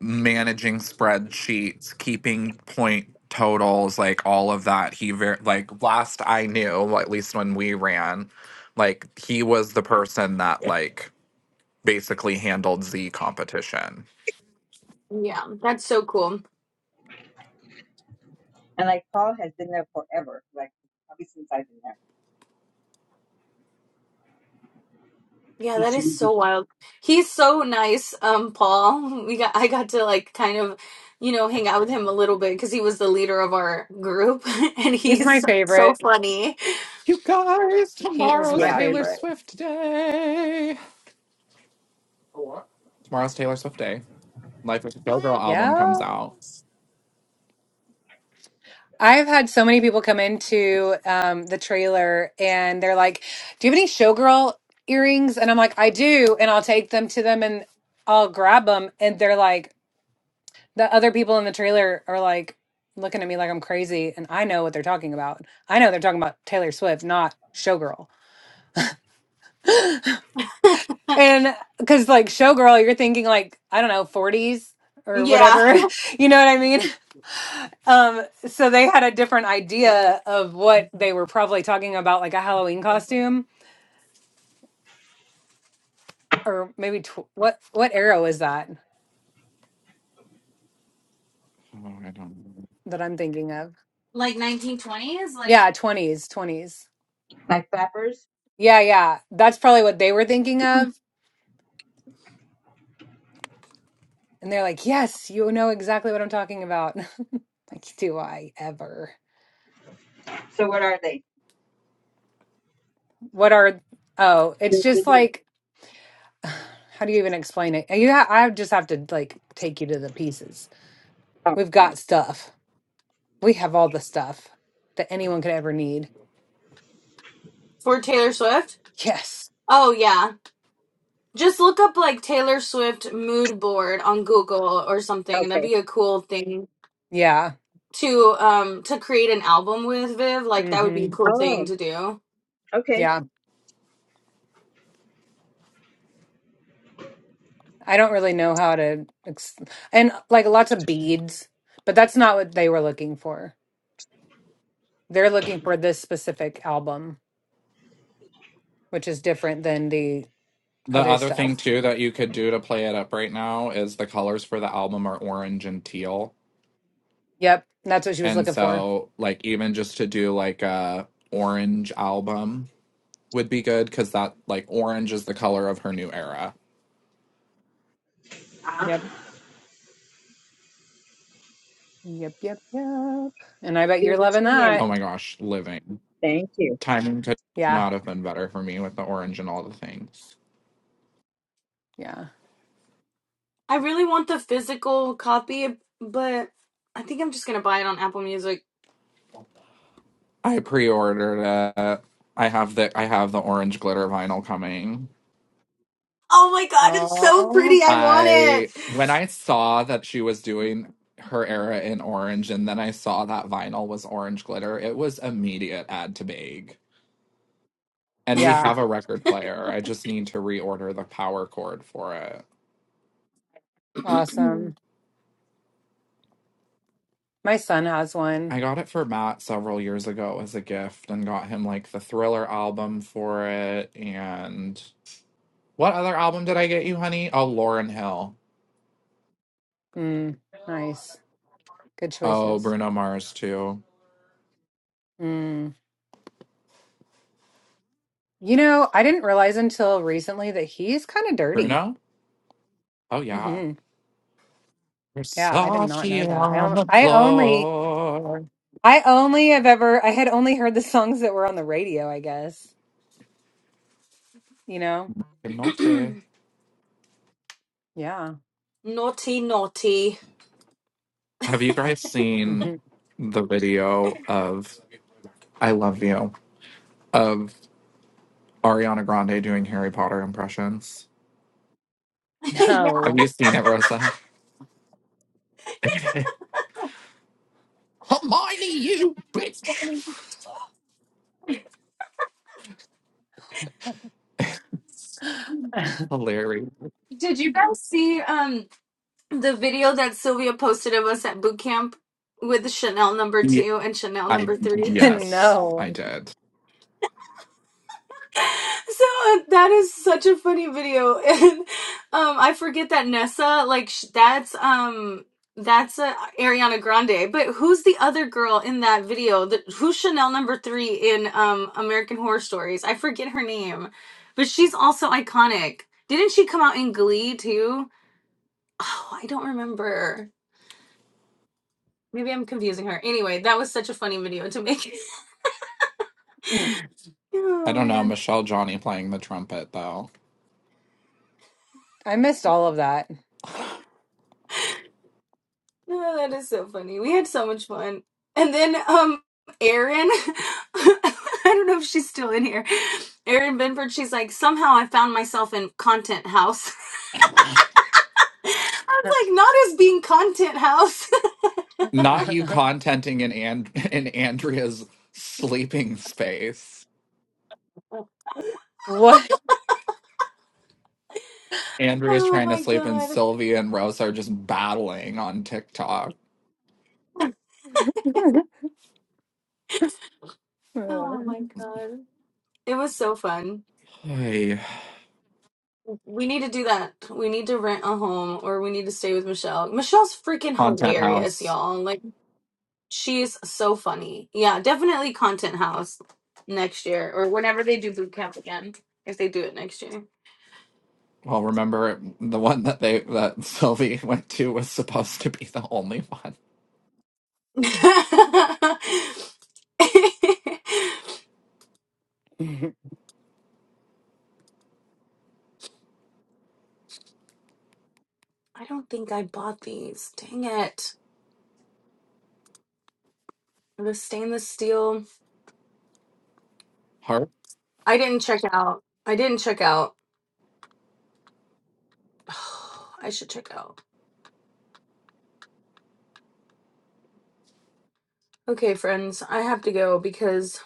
managing spreadsheets, keeping point totals, like all of that. He ver- like last I knew, well, at least when we ran, like he was the person that like basically handled Z competition. yeah that's so cool And like Paul has been there forever, like probably since I've been there. yeah that He's, is so wild he's so nice um paul *laughs* we got i got to like kind of you know hang out with him a little bit because he was the leader of our group *laughs* and He's he's my so so favorite. funny You guys, He is tomorrow's my yeah, Taylor he's favorite. Swift day. Tomorrow's Taylor Swift day. Life as a Showgirl album comes Yes. out. I've had so many people come into um, the trailer and they're like, Do you have any showgirl earrings? And I'm like, I do. And I'll take them to them and I'll grab them. And they're like, the other people in the trailer are like looking at me like I'm crazy, and I know what they're talking about. I know they're talking about Taylor Swift, not Showgirl. *laughs* And because like Showgirl, you're thinking like I don't know 40s or yeah whatever, *laughs* you know what I mean? *laughs* Um, so they had a different idea of what they were probably talking about, like a Halloween costume, or maybe tw- what what era is that Oh, I don't know. that I'm thinking of? like 1920s like Yeah, 20s, 20s. like flappers. Yeah, yeah, that's probably what they were thinking of And they're like, yes, you know exactly what I'm talking about. *laughs* like, do I ever? So what are they? What are, oh, They're it's just bigger. like, *sighs* how do you even explain it? You ha- I just have to like take you to the pieces. Oh, We've okay. got stuff. We have all the stuff that anyone could ever need. For Taylor Swift? Yes. Oh yeah. Just look up like Taylor Swift mood board on Google or something. Okay. That'd be a cool thing Yeah. to um to create an album with Viv. Like that would be a hmm cool thing Oh, to do. okay. Yeah. I don't really know how to, ex- and like lots of beads, but that's not what they were looking for. They're looking for this specific album, which is different than the The other other stuff. thing too that you could do to play it up right now is the colors for the album are orange and teal. Yep. That's what she was And looking for. so like even just to do like a orange album would be good cuz that like orange is the color of her new era. Good Yep. Yep. Yep. Yep. And I bet to see you. you're have loving seen that. Oh that. my gosh, living. Thank you. Timing could Yeah. not have been better for me with the orange and all the things. Yeah. I really want the physical copy, but I think I'm just gonna buy it on Apple Music. I pre-ordered it. I have the I have the orange glitter vinyl coming. Oh my god, it's so pretty. Oh, I I when I saw that she was doing her era in orange and then I saw that vinyl was orange glitter, it was immediate add to bag. And we yeah. have a record player. I just need to reorder the power cord for it. want Awesome. My son has one. I got it for Matt several years ago as a gift and got him like the Thriller album for it and what other album did I get you, honey? Oh, Lauren Hill. Mm, nice. Good Oh, choices. Bruno Mars too. Mm. You know, I didn't realize until recently that he's kind of dirty. Bruno? Oh yeah. hmm Yeah, I did not know Versace that. I on don't, the I only, floor. I only have ever, I had only heard the songs that were on the radio, I guess. You know? it. Note. Yeah. *clears throat* naughty naughty. Have you guys seen hmm the video of I Love You of Ariana Grande doing Harry Potter impressions? *laughs* Have No. you seen it, Rosa? *laughs* Hermione, you bitch! *laughs* Hilarious. Did you guys see? Um, the video that Sylvia posted of us at boot camp with Chanel number Yeah, two and Chanel I number three. yes, no. I did. *laughs* So uh, that is such a funny video, *laughs* and um, I forget that Nessa like sh- that's um that's uh, Ariana Grande, but who's the other girl in that video? The, who's Chanel number three in um American Horror Stories? I forget her name, but she's also iconic. Didn't she come out in Glee too? Oh, I don't remember. Maybe I'm confusing her. Anyway, that was such a funny video to make. *laughs* *laughs* I oh don't know, man. Michelle Johnny playing the trumpet though. I missed all of that. Oh, that is so funny. We had so much fun. And then um Erin *laughs* I don't know if she's still in here. Erin Benford, she's like, somehow I found myself in content house. *laughs* I was like, not as being content house. Not you *laughs* contenting in and *laughs* in Andrea's sleeping space. what? *laughs* Andrea's oh trying to my sleep, and god. Sylvia and Rosa are just battling on TikTok. *laughs* Oh my god. It was so fun. Hey, We need to do that. We need to rent a home or we need to stay with Michelle. Michelle's freaking content hilarious, house. y'all. Like She's so funny. Yeah, definitely Content House next year or whenever they do boot camp again, if they do it next year. Well, remember the one that they that *laughs* Sylvie went to was supposed to be the only one. *laughs* I don't think I bought these. Dang it. The stainless steel. Heart. I didn't check out. I didn't check out. *sighs* I should check out. Okay, friends, I have to go because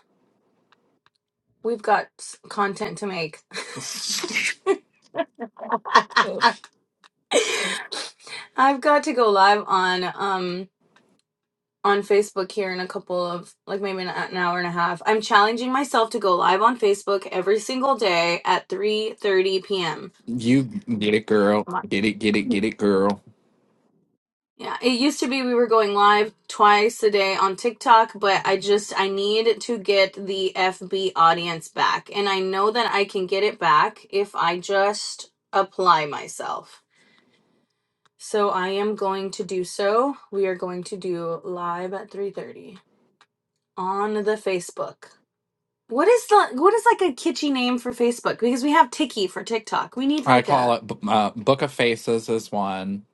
we've got s- content to make. Ugh. *laughs* I've got to go live on um on Facebook here in a couple of like maybe an, an hour and a half. I'm challenging myself to go live on Facebook every single day at 3:30 p.m. You get it, girl. Wow. Get it, get it, get it, girl. Yeah, it used to be we were going live twice a day on TikTok, but I just I need to get the FB audience back and I know that I can get it back if I just apply myself. So I am going to do so. We are going to do live at 3:30 on the Facebook. What is the what is like a kitschy name for Facebook? Because we have Tiki for TikTok. We need I like call a it b- uh, Book of Faces is one.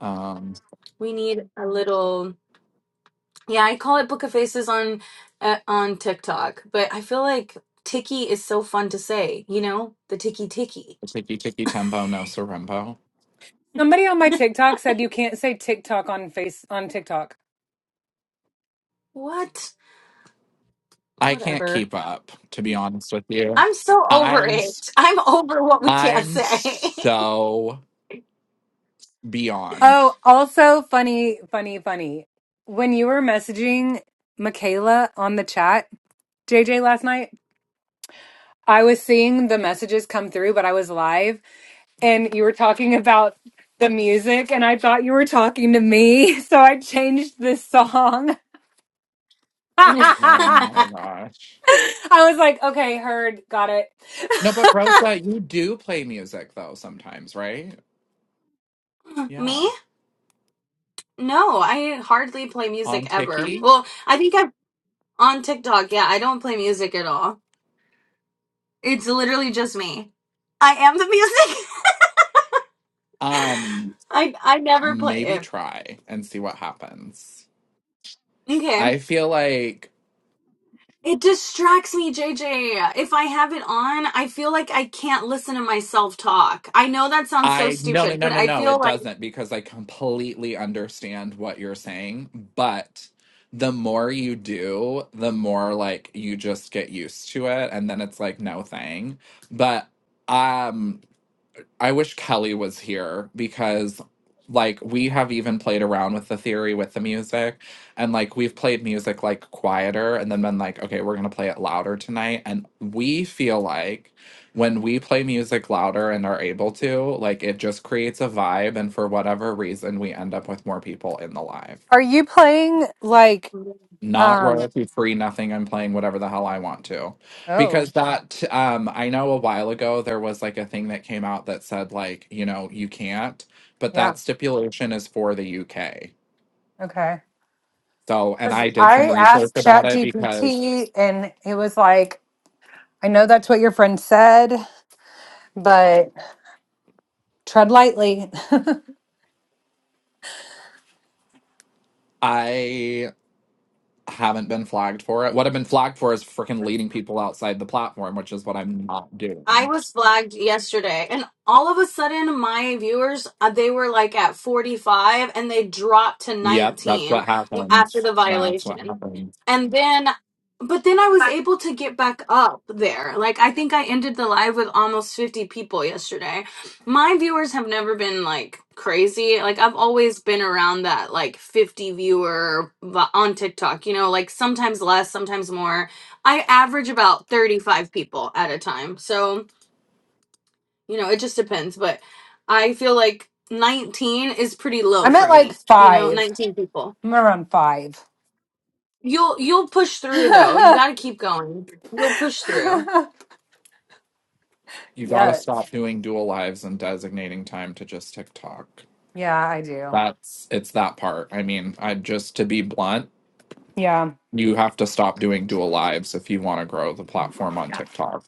Um, we need a little yeah. I call it Book of Faces on uh, on TikTok, but I feel like Tiki is so fun to say. You know, the Tiki Tiki. Tiki Tiki Tempo No Sorrento. Somebody on my *laughs* TikTok said you can't say TikTok on face on TikTok. What? I can't Whatever. keep up, to be honest with you. I'm so over I'm s- it. I'm over what we can't I'm say. so beyond. Oh, also funny, funny, funny. When you were messaging Michaela on the chat, JJ last night, I was seeing the messages come through, but I was live and you were talking about the music and I thought you were talking to me, *laughs* so I changed this song. Oh *laughs* my gosh. I was like, okay, heard, got it. No, but Rosa, you do play music though sometimes, right? *laughs* Yeah. Me? No, I hardly play music On ever. Tiki. Well, I think I've On TikTok, yeah, I don't play music at all. It's literally just me. I am the music. Um, *laughs* I I never play maybe it. try and see what happens. Okay. I feel like It distracts me, JJ. If I have it on, I feel like I can't listen to myself talk. I know that sounds so I no no stupid, no but no I no feel it like doesn't because I completely understand what you're saying, but the more you do, the more like you just get used to it and then it's like no thing. But um I wish Kelly was here because like we have even played around with the theory with the music and like we've played music like quieter and then been like okay we're going to play it louder tonight and we feel like when we play music louder and are able to like it just creates a vibe and for whatever reason we end up with more people in the live *laughs* Are you playing like not um royalty free nothing i'm playing whatever the hell i want to oh because that um i know a while ago there was like a thing that came out that said like you know you can't but yeah, that stipulation is for the uk okay. so and 'Cause i did some I research asked about it because ChatGPT and it was like, I know that's what your friend said, but tread lightly. i haven't been flagged for it what i've been flagged for is freaking leading people outside the platform which is what i'm not I doing was flagged yesterday, and all of a sudden, my viewers uh, they were like at forty five, and they dropped to yep that's nineteen what w- after happens the that's what violation, happens and then, but then I was able to get back up there. Like I think I ended the live with almost fifty people yesterday. My viewers have never been like crazy. Like I've always been around that like fifty viewer vi- on TikTok. You know, like sometimes less, sometimes more. I average about 35 people at a time. So you know it just depends but i feel like 19 is pretty low I'm for at like me you know five. 19 people I'm around five. you'll you'll push *laughs* through though you got yes. to keep going you'll push through you gotta stop doing dual lives and designating time to just tiktok Yeah, I do. That's it's that part. I mean, I just to be blunt, Yeah. you have to stop doing dual lives if you want to grow the platform on TikTok.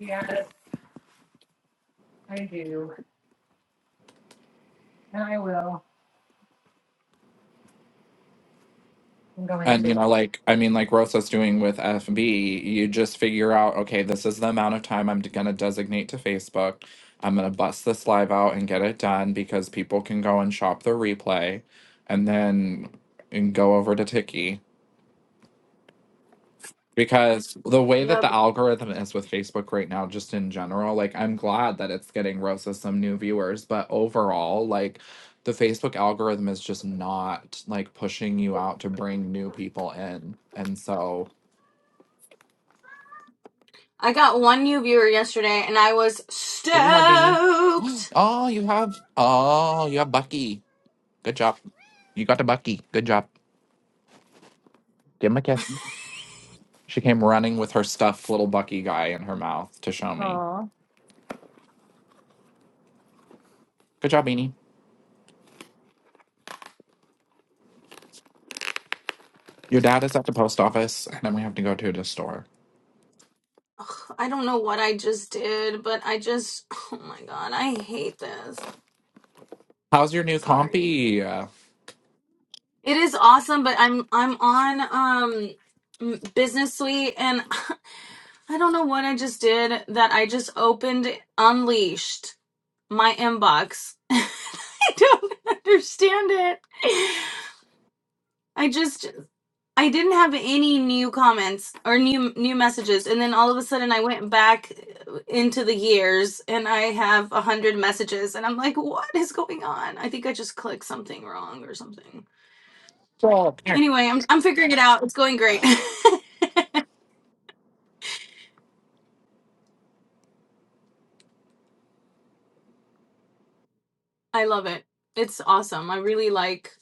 Yeah, I do. And I will. I'm going And you to. know, like I mean, like Rosa's doing with FB, you just figure out, okay, this is the amount of time I'm gonna designate to Facebook. I'm gonna bust this live out and get it done because people can go and shop the replay, and then and go over to Tiki. because the way that yep the algorithm is with Facebook right now, just in general, like I'm glad that it's getting Rosa some new viewers, but overall, like the Facebook algorithm is just not like pushing you out to bring new people in. And so, i got one new viewer yesterday and i was what do you have, Beanie? *gasps* stoked Oh, you have, oh, you have Bucky. Good job. You got to Bucky. Good job. Give him a kiss. She came running with her stuffed little Bucky guy in her mouth to show me. Aw. Good job, Beanie. Your dad is at the post office, and then we have to go to the store. Ugh, i don't know what i just did but i just *sighs* oh my god i hate this How's your new sorry compy? Uh, it is awesome but i'm i'm on um m- business suite and *laughs* I don't know what I just did that I just opened unleashed my inbox. *laughs* I don't understand it. I just I didn't have any new comments or new new messages and then all of a sudden I went back into the years and I have a hundred messages and I'm like, what is going on? I think I just clicked something wrong or something. Well, it can't Anyway, I'm I'm figuring it out. It's going great. *laughs* I love it. It's awesome. I really like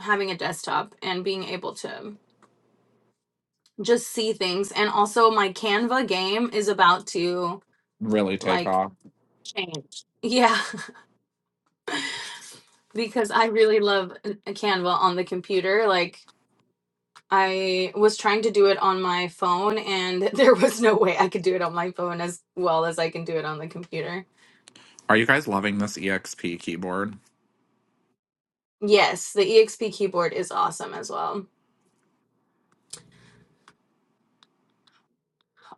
having a desktop and being able to just see things. And also, my Canva game is about to really take like off. change. Yeah, *laughs* because I really love uh, Canva on the computer. Like, I was trying to do it on my phone, and *laughs* there was no way I could do it on my phone as well as I can do it on the computer. Are you guys loving this EXP keyboard? Yes, the EXP keyboard is awesome as well.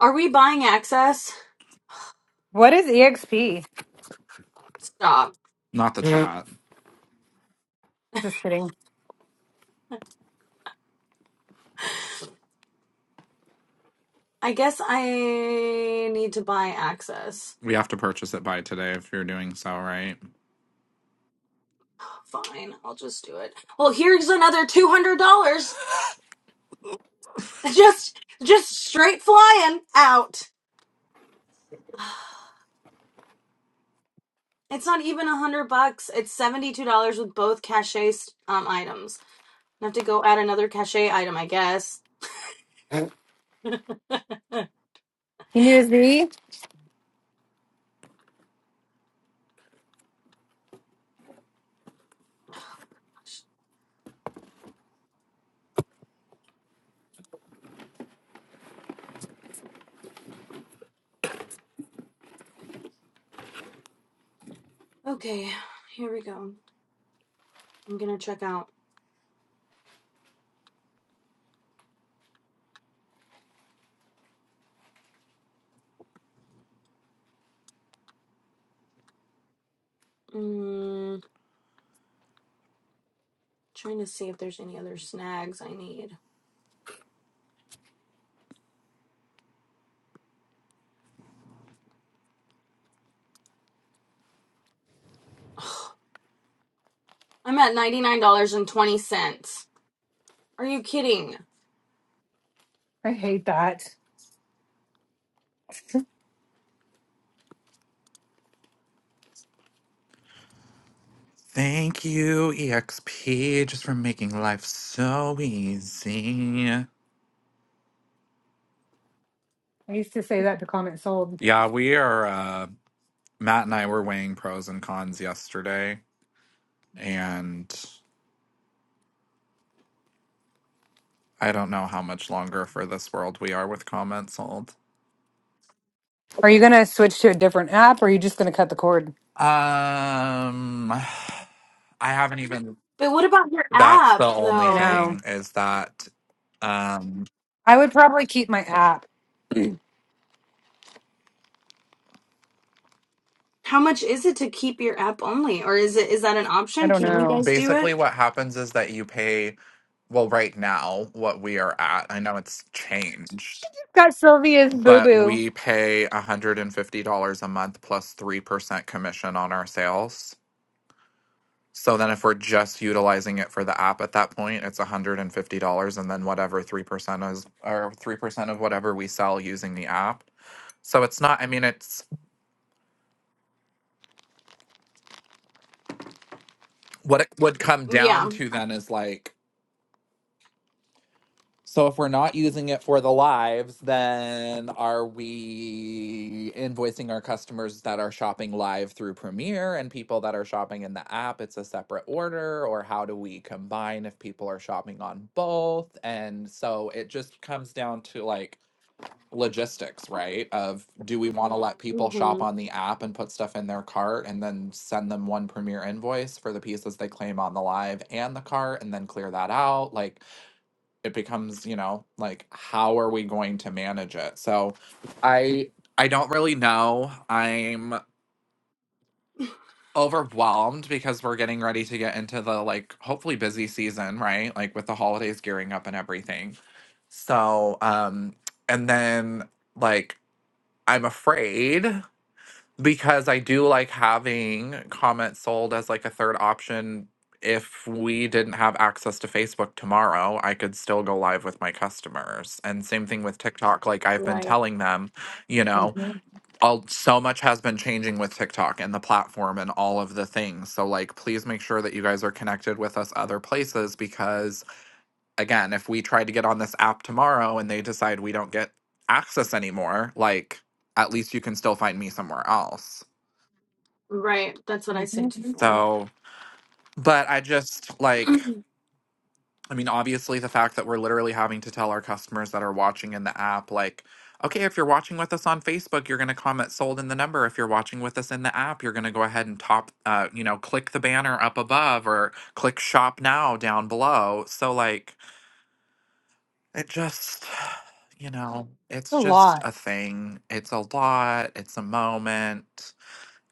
Are we buying access? What is EXP? Stop. Not the chat. Just kidding. I guess I need to buy access. We have to purchase it by today if you're doing so, right? Fine, I'll just do it. Well, here's another $200. just just straight flying out. *sighs* It's not even a hundred bucks. It's seventy two dollars with both cachet um items. I have to go add another cachet item, I guess. You need a Z? Okay, here we go. I'm gonna check out. Mm, trying to see if there's any other snags I need. *sighs* Ugh, I'm at ninety nine dollars and twenty cents. Are you kidding? I hate that. Thank you, EXP, just for making life so easy. I used to say that to comment sold. Yeah, we are, uh, Matt and I were weighing pros and cons yesterday, and I don't know how much longer for this world we are with comments sold. Are you going to switch to a different app or are you just going to cut the cord? Um, *sighs* I haven't even But what about your That's the app only I though? know. thing is that um I would probably keep my app. How much is it to keep your app only, or is it is that an I option? don't Can you know. guys do it? basically what happens is that you pay well right now what we are at. I know it's changed, Got Sylvia's boo but boo. we pay $150 a month 3% commission on our sales. So then if we're just utilizing it for the app at that point, it's $150 and fifty dollars and then whatever 3% is or 3% of whatever we sell using the app. So it's not I mean it's what it would come down Yeah. to then is like So if we're not using it for the lives, then are we invoicing our customers that are shopping live through Premiere and people that are shopping in the app? It's a separate order, or how do we combine if people are shopping on both? And so it just comes down to like logistics, right? Of do we want to let people hmm shop on the app and put stuff in their cart and then send them one Premiere invoice for the pieces they claim on the live and the cart and then clear that out? Like, it becomes you know like how are we going to manage it so i i don't really know i'm overwhelmed because we're getting ready to get into the like hopefully busy season right like with the holidays gearing up and everything so um and then like i'm afraid because I do like having comments sold as like a third option. If we didn't have access to Facebook tomorrow, I could still go live with my customers. And same thing with TikTok. Like I've been telling them, you know, hmm all so much has been changing with TikTok and the platform and all of the things. So like please make sure that you guys are connected with us other places because again, if we try to get on this app tomorrow and they decide we don't get access anymore, like at least you can still find me somewhere else. Right, that's what I hmm said too. So, but I just Yeah. like, *clears throat* I mean, obviously, the fact that we're literally having to tell our customers that are watching in the app, like, okay, if you're watching with us on Facebook, you're going to comment sold in the number. If you're watching with us in the app, you're going to go ahead and top, uh, you know, click the banner up above or click shop now down below. So, like, it just, you know, It's it's a just lot a thing. It's a lot, it's a moment.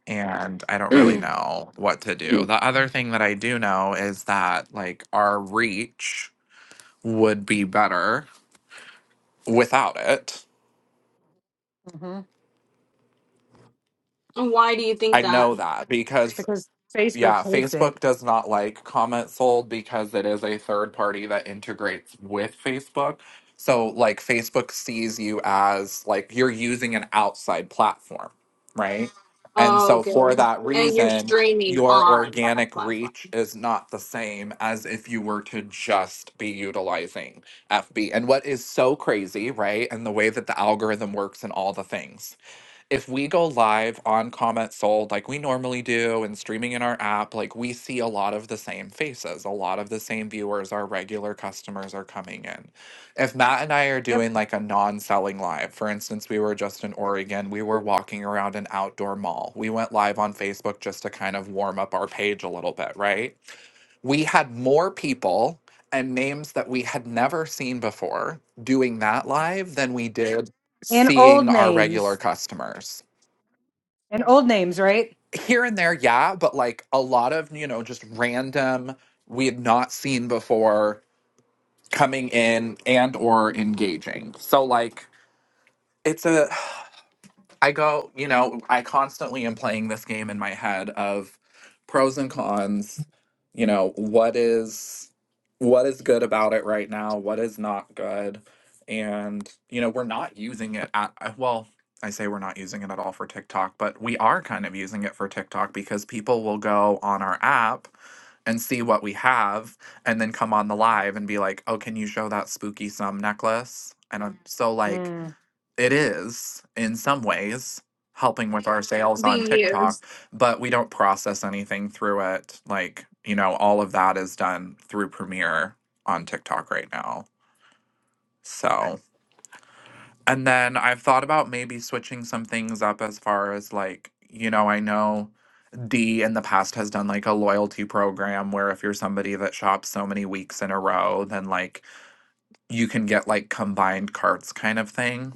and I don't really know what to do. The other thing that I do know is that like our reach would be better without it. hmm And Why do you think I that? know that because because Facebook yeah, hates it. Facebook does not like comment sold because it is a third party that integrates with Facebook. So like Facebook sees you as like you're using an outside platform, right? And Oh, so okay. for that And you're reason, streaming your on that organic platform, reach is not the same as if you were to just be utilizing FB. And what is so crazy, right? And the way that the algorithm works and all the things if we go live on Comment Sold like we normally do and streaming in our app, like we see a lot of the same faces, a lot of the same viewers, our regular customers are coming in. If Matt and I are Yep. doing like a non selling live, for instance, we were just in Oregon, we were walking around an outdoor mall. We went live on Facebook just to kind of warm up our page a little bit, right? We had more people and names that we had never seen before doing that live than we did And old seeing our regular names. customers And old names, right? here and there, yeah, but like a lot of, you know, just random we had not seen before coming in and or engaging. So like it's a I go, you know, I constantly am playing this game in my head of pros and cons, you know, what is what is good about it right now, what is not good. And, you know, we're not using it at uh, well, I say we're not using it at all for TikTok, but we are kind of using it for TikTok because people will go on our app and see what we have and then come on the live and be like, "Oh, can you show that spooky sum necklace?" And I'm Mhm. so like Mm-hmm. it is in some ways helping with our sales on being used. TikTok, but we don't process anything through it. Like, you know, all of that is done through Premiere on TikTok right now. So, and then I've thought about maybe switching some things up as far as like, you know, I know D in the past has done like a loyalty program where if you're somebody that shops so many weeks in a row, then like you can get like combined carts kind of thing.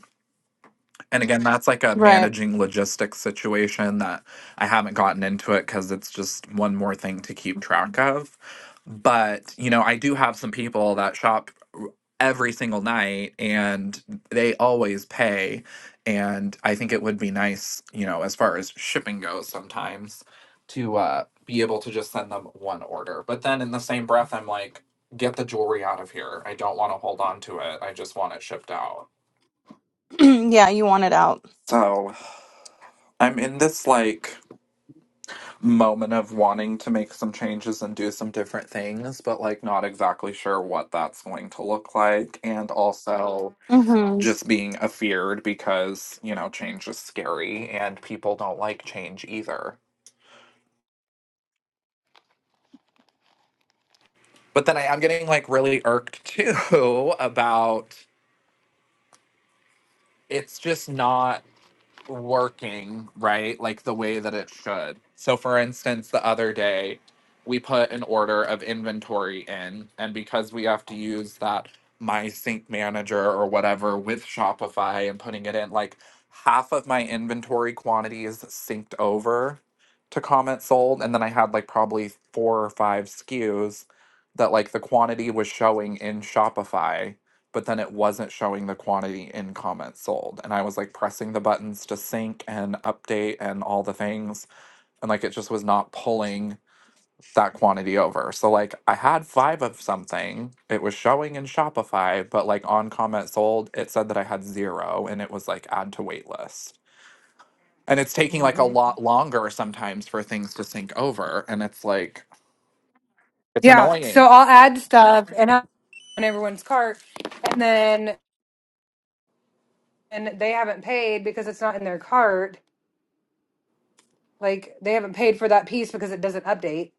And again, that's like a Right. managing logistics situation that I haven't gotten into it because it's just one more thing to keep track of. But, you know, I do have some people that shop r- every single night and they always pay. And I think it would be nice, you know, as far as shipping goes sometimes to uh, be able to just send them one order. But then in the same breath, I'm like, get the jewelry out of here. I don't want to hold on to it. I just want it shipped out. *clears throat* yeah, you want it out. So. I'm in this like moment of wanting to make some changes and do some different things, but like not exactly sure what that's going to look like. And also hmm just being afeared because, you know, change is scary and people don't like change either. But then I am getting like really irked too *laughs* about it's just not. working right like the way that it should so for instance the other day we put an order of inventory in and because we have to use that my sync manager or whatever with shopify and putting it in like half of my inventory quantity is synced over to comment sold and then i had like probably four or five skus that like the quantity was showing in shopify but then it wasn't showing the quantity in comments sold. And I was like pressing the buttons to sync and update and all the things. And like it just was not pulling that quantity over. So like I had five of something. It was showing in Shopify, but like on comment sold, it said that I had zero and it was like add to wait list. And it's taking like a lot longer sometimes for things to sync over. And it's like, it's Yeah. So annoying. I'll add stuff and i on everyone's cart and then and they haven't paid because it's not in their cart Like they haven't paid for that piece because it doesn't update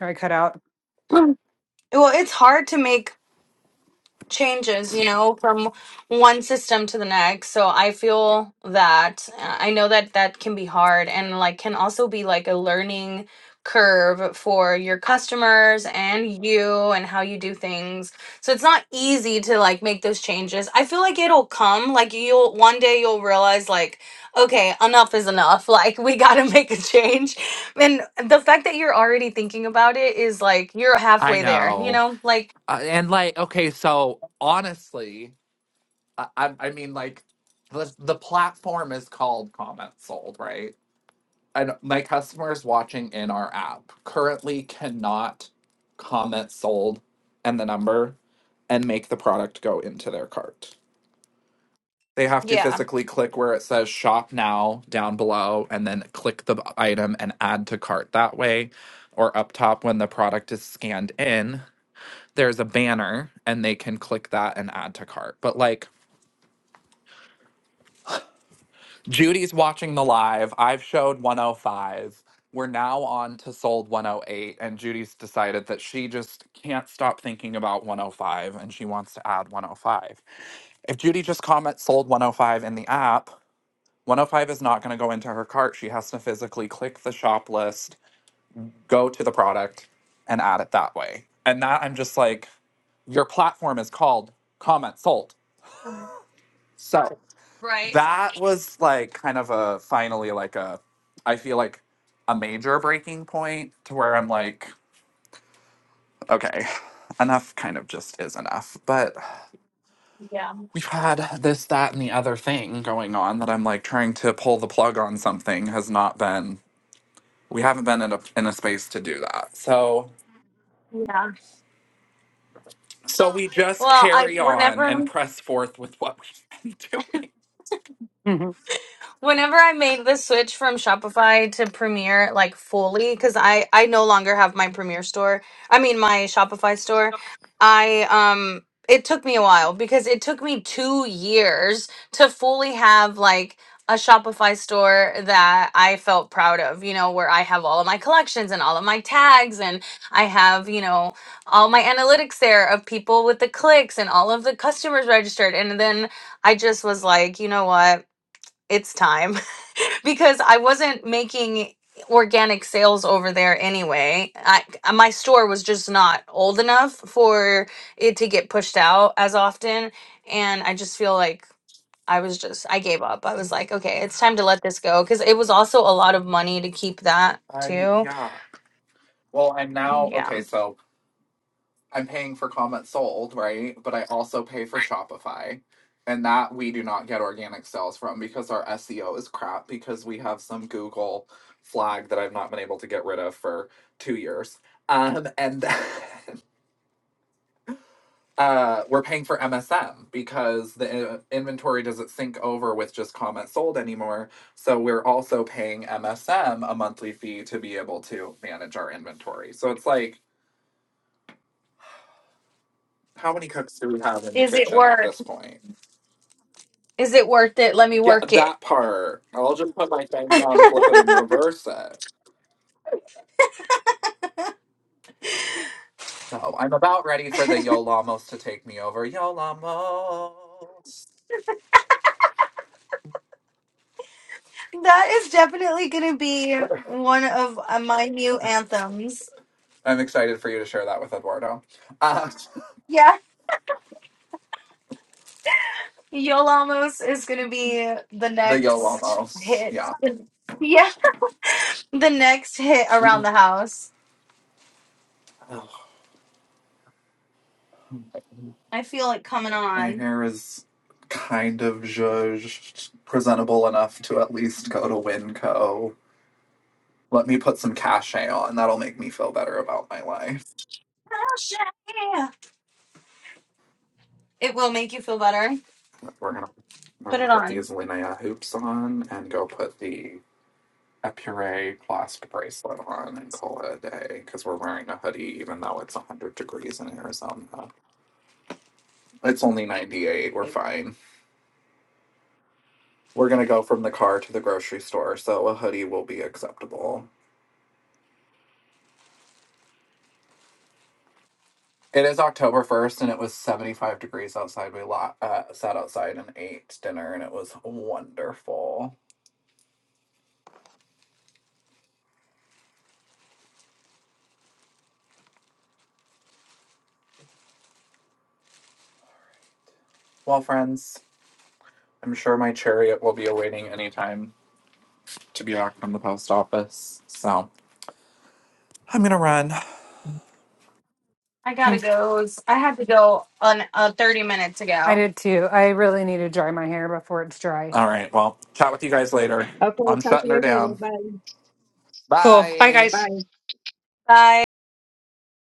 or I cut out. *clears throat* Well, it's hard to make changes, you know, from one system to the next. So I feel that uh, I know that that can be hard and like can also be like a learning curve for your customers and you and how you do things. So it's not easy to like make those changes. I feel like it'll come like you'll one day you'll realize like okay, enough is enough. *laughs* Like we got to make a change. And the fact that you're already thinking about it is like you're I halfway there, you know. know? Like Uh, and like, okay, so honestly, I, I I mean, like, the the platform is called Comments Sold, right? And my customers watching in our app currently cannot comment sold and the number and make the product go into their cart. They have to yeah. physically click where it says shop now down below and then click the item and add to cart that way. Or up top when the product is scanned in, there's a banner and they can click that and add to cart. But like Judy's watching the live. I've showed 105. We're now on to sold 108, and Judy's decided that she just can't stop thinking about 105 and she wants to add 105. If Judy just comments sold 105 in the app, 105 is not going to go into her cart. She has to physically click the shop list, go to the product, and add it that way. And that I'm just like, your platform is called comment sold. So Right. that was like kind of a finally like a I feel like a major breaking point to where I'm like, okay, enough kind of just is enough. But Yeah. we've had this, that, and the other thing going on that I'm like trying to pull the plug on something has not been we haven't been in a in a space to do that. So Yeah. so we just Well, I carry on and whenever press forth with what we've been *laughs* doing. Mhm. Whenever I made the switch from Shopify to Premiere, like fully, because I I no longer have my Premiere store. I mean my Shopify store. I um it took me a while because it took me two years to fully have like a Shopify store that I felt proud of. You know, where I have all of my collections and all of my tags, and I have you know all my analytics there of people with the clicks and all of the customers registered, and then. I just was like, you know what? it's time *laughs* because I wasn't making organic sales over there anyway. I uh, my store was just not old enough for it to get pushed out as often and I just feel like I was just I gave up. I was like, okay, it's time to let this go cuz it was also a lot of money to keep that I too. yeah. Well, I'm Mm, now okay. Yeah. So I'm paying for comments sold, right? But I also pay for Shopify. And that we do not get organic sales from because our SEO is crap because we have some Google flag that I've not been able to get rid of for two years. Um, and *laughs* uh, we're paying for MSM because the uh, inventory doesn't sync over with just comments sold anymore. So we're also paying MSM a monthly fee to be able to manage our inventory. So it's like, how many cooks do we have in the Is it kitchen at worth this point? is it worth it? Let me Yeah, work it. that part. I'll just put my thing down, flip it, and reverse it. So I'm about ready for the Yolamos to take me over. Yolamos. That is definitely going to be one of uh, my new anthems. I'm excited for you to share that with Eduardo. Uh, Yolamos is gonna be the *laughs* the next Yolamos. hit. Yeah. Yeah, the next hit around the house. I feel it coming My on. hair is kind of zhuzhed, presentable enough to at least go to Winco. Let me put some cachet on. That'll make me feel better about my life. Oh, shit, yeah. It will make you feel better. We're gonna we're Put gonna it put on. these Linnea hoops on and go put the a puree clasp bracelet on and call it a day because we're wearing a hoodie even though it's 100 degrees in Arizona. It's only 98. We're fine. We're going to go from the car to the grocery store, so a hoodie will be acceptable. It is October 1st and it was 75 degrees outside. We lo- uh, sat outside and ate dinner and it was wonderful. Well, friends, I'm sure my chariot will be awaiting any time to be back from the post office. So I'm going to run. I gotta mm go. It's- I had to go on uh, thirty minutes I ago. did too. I really need to dry my hair before it's dry. All right. Well, chat with you guys later. Okay, talk I'm to shutting her you guys later. down. Bye. Cool. Bye Bye. guys. Bye. Bye.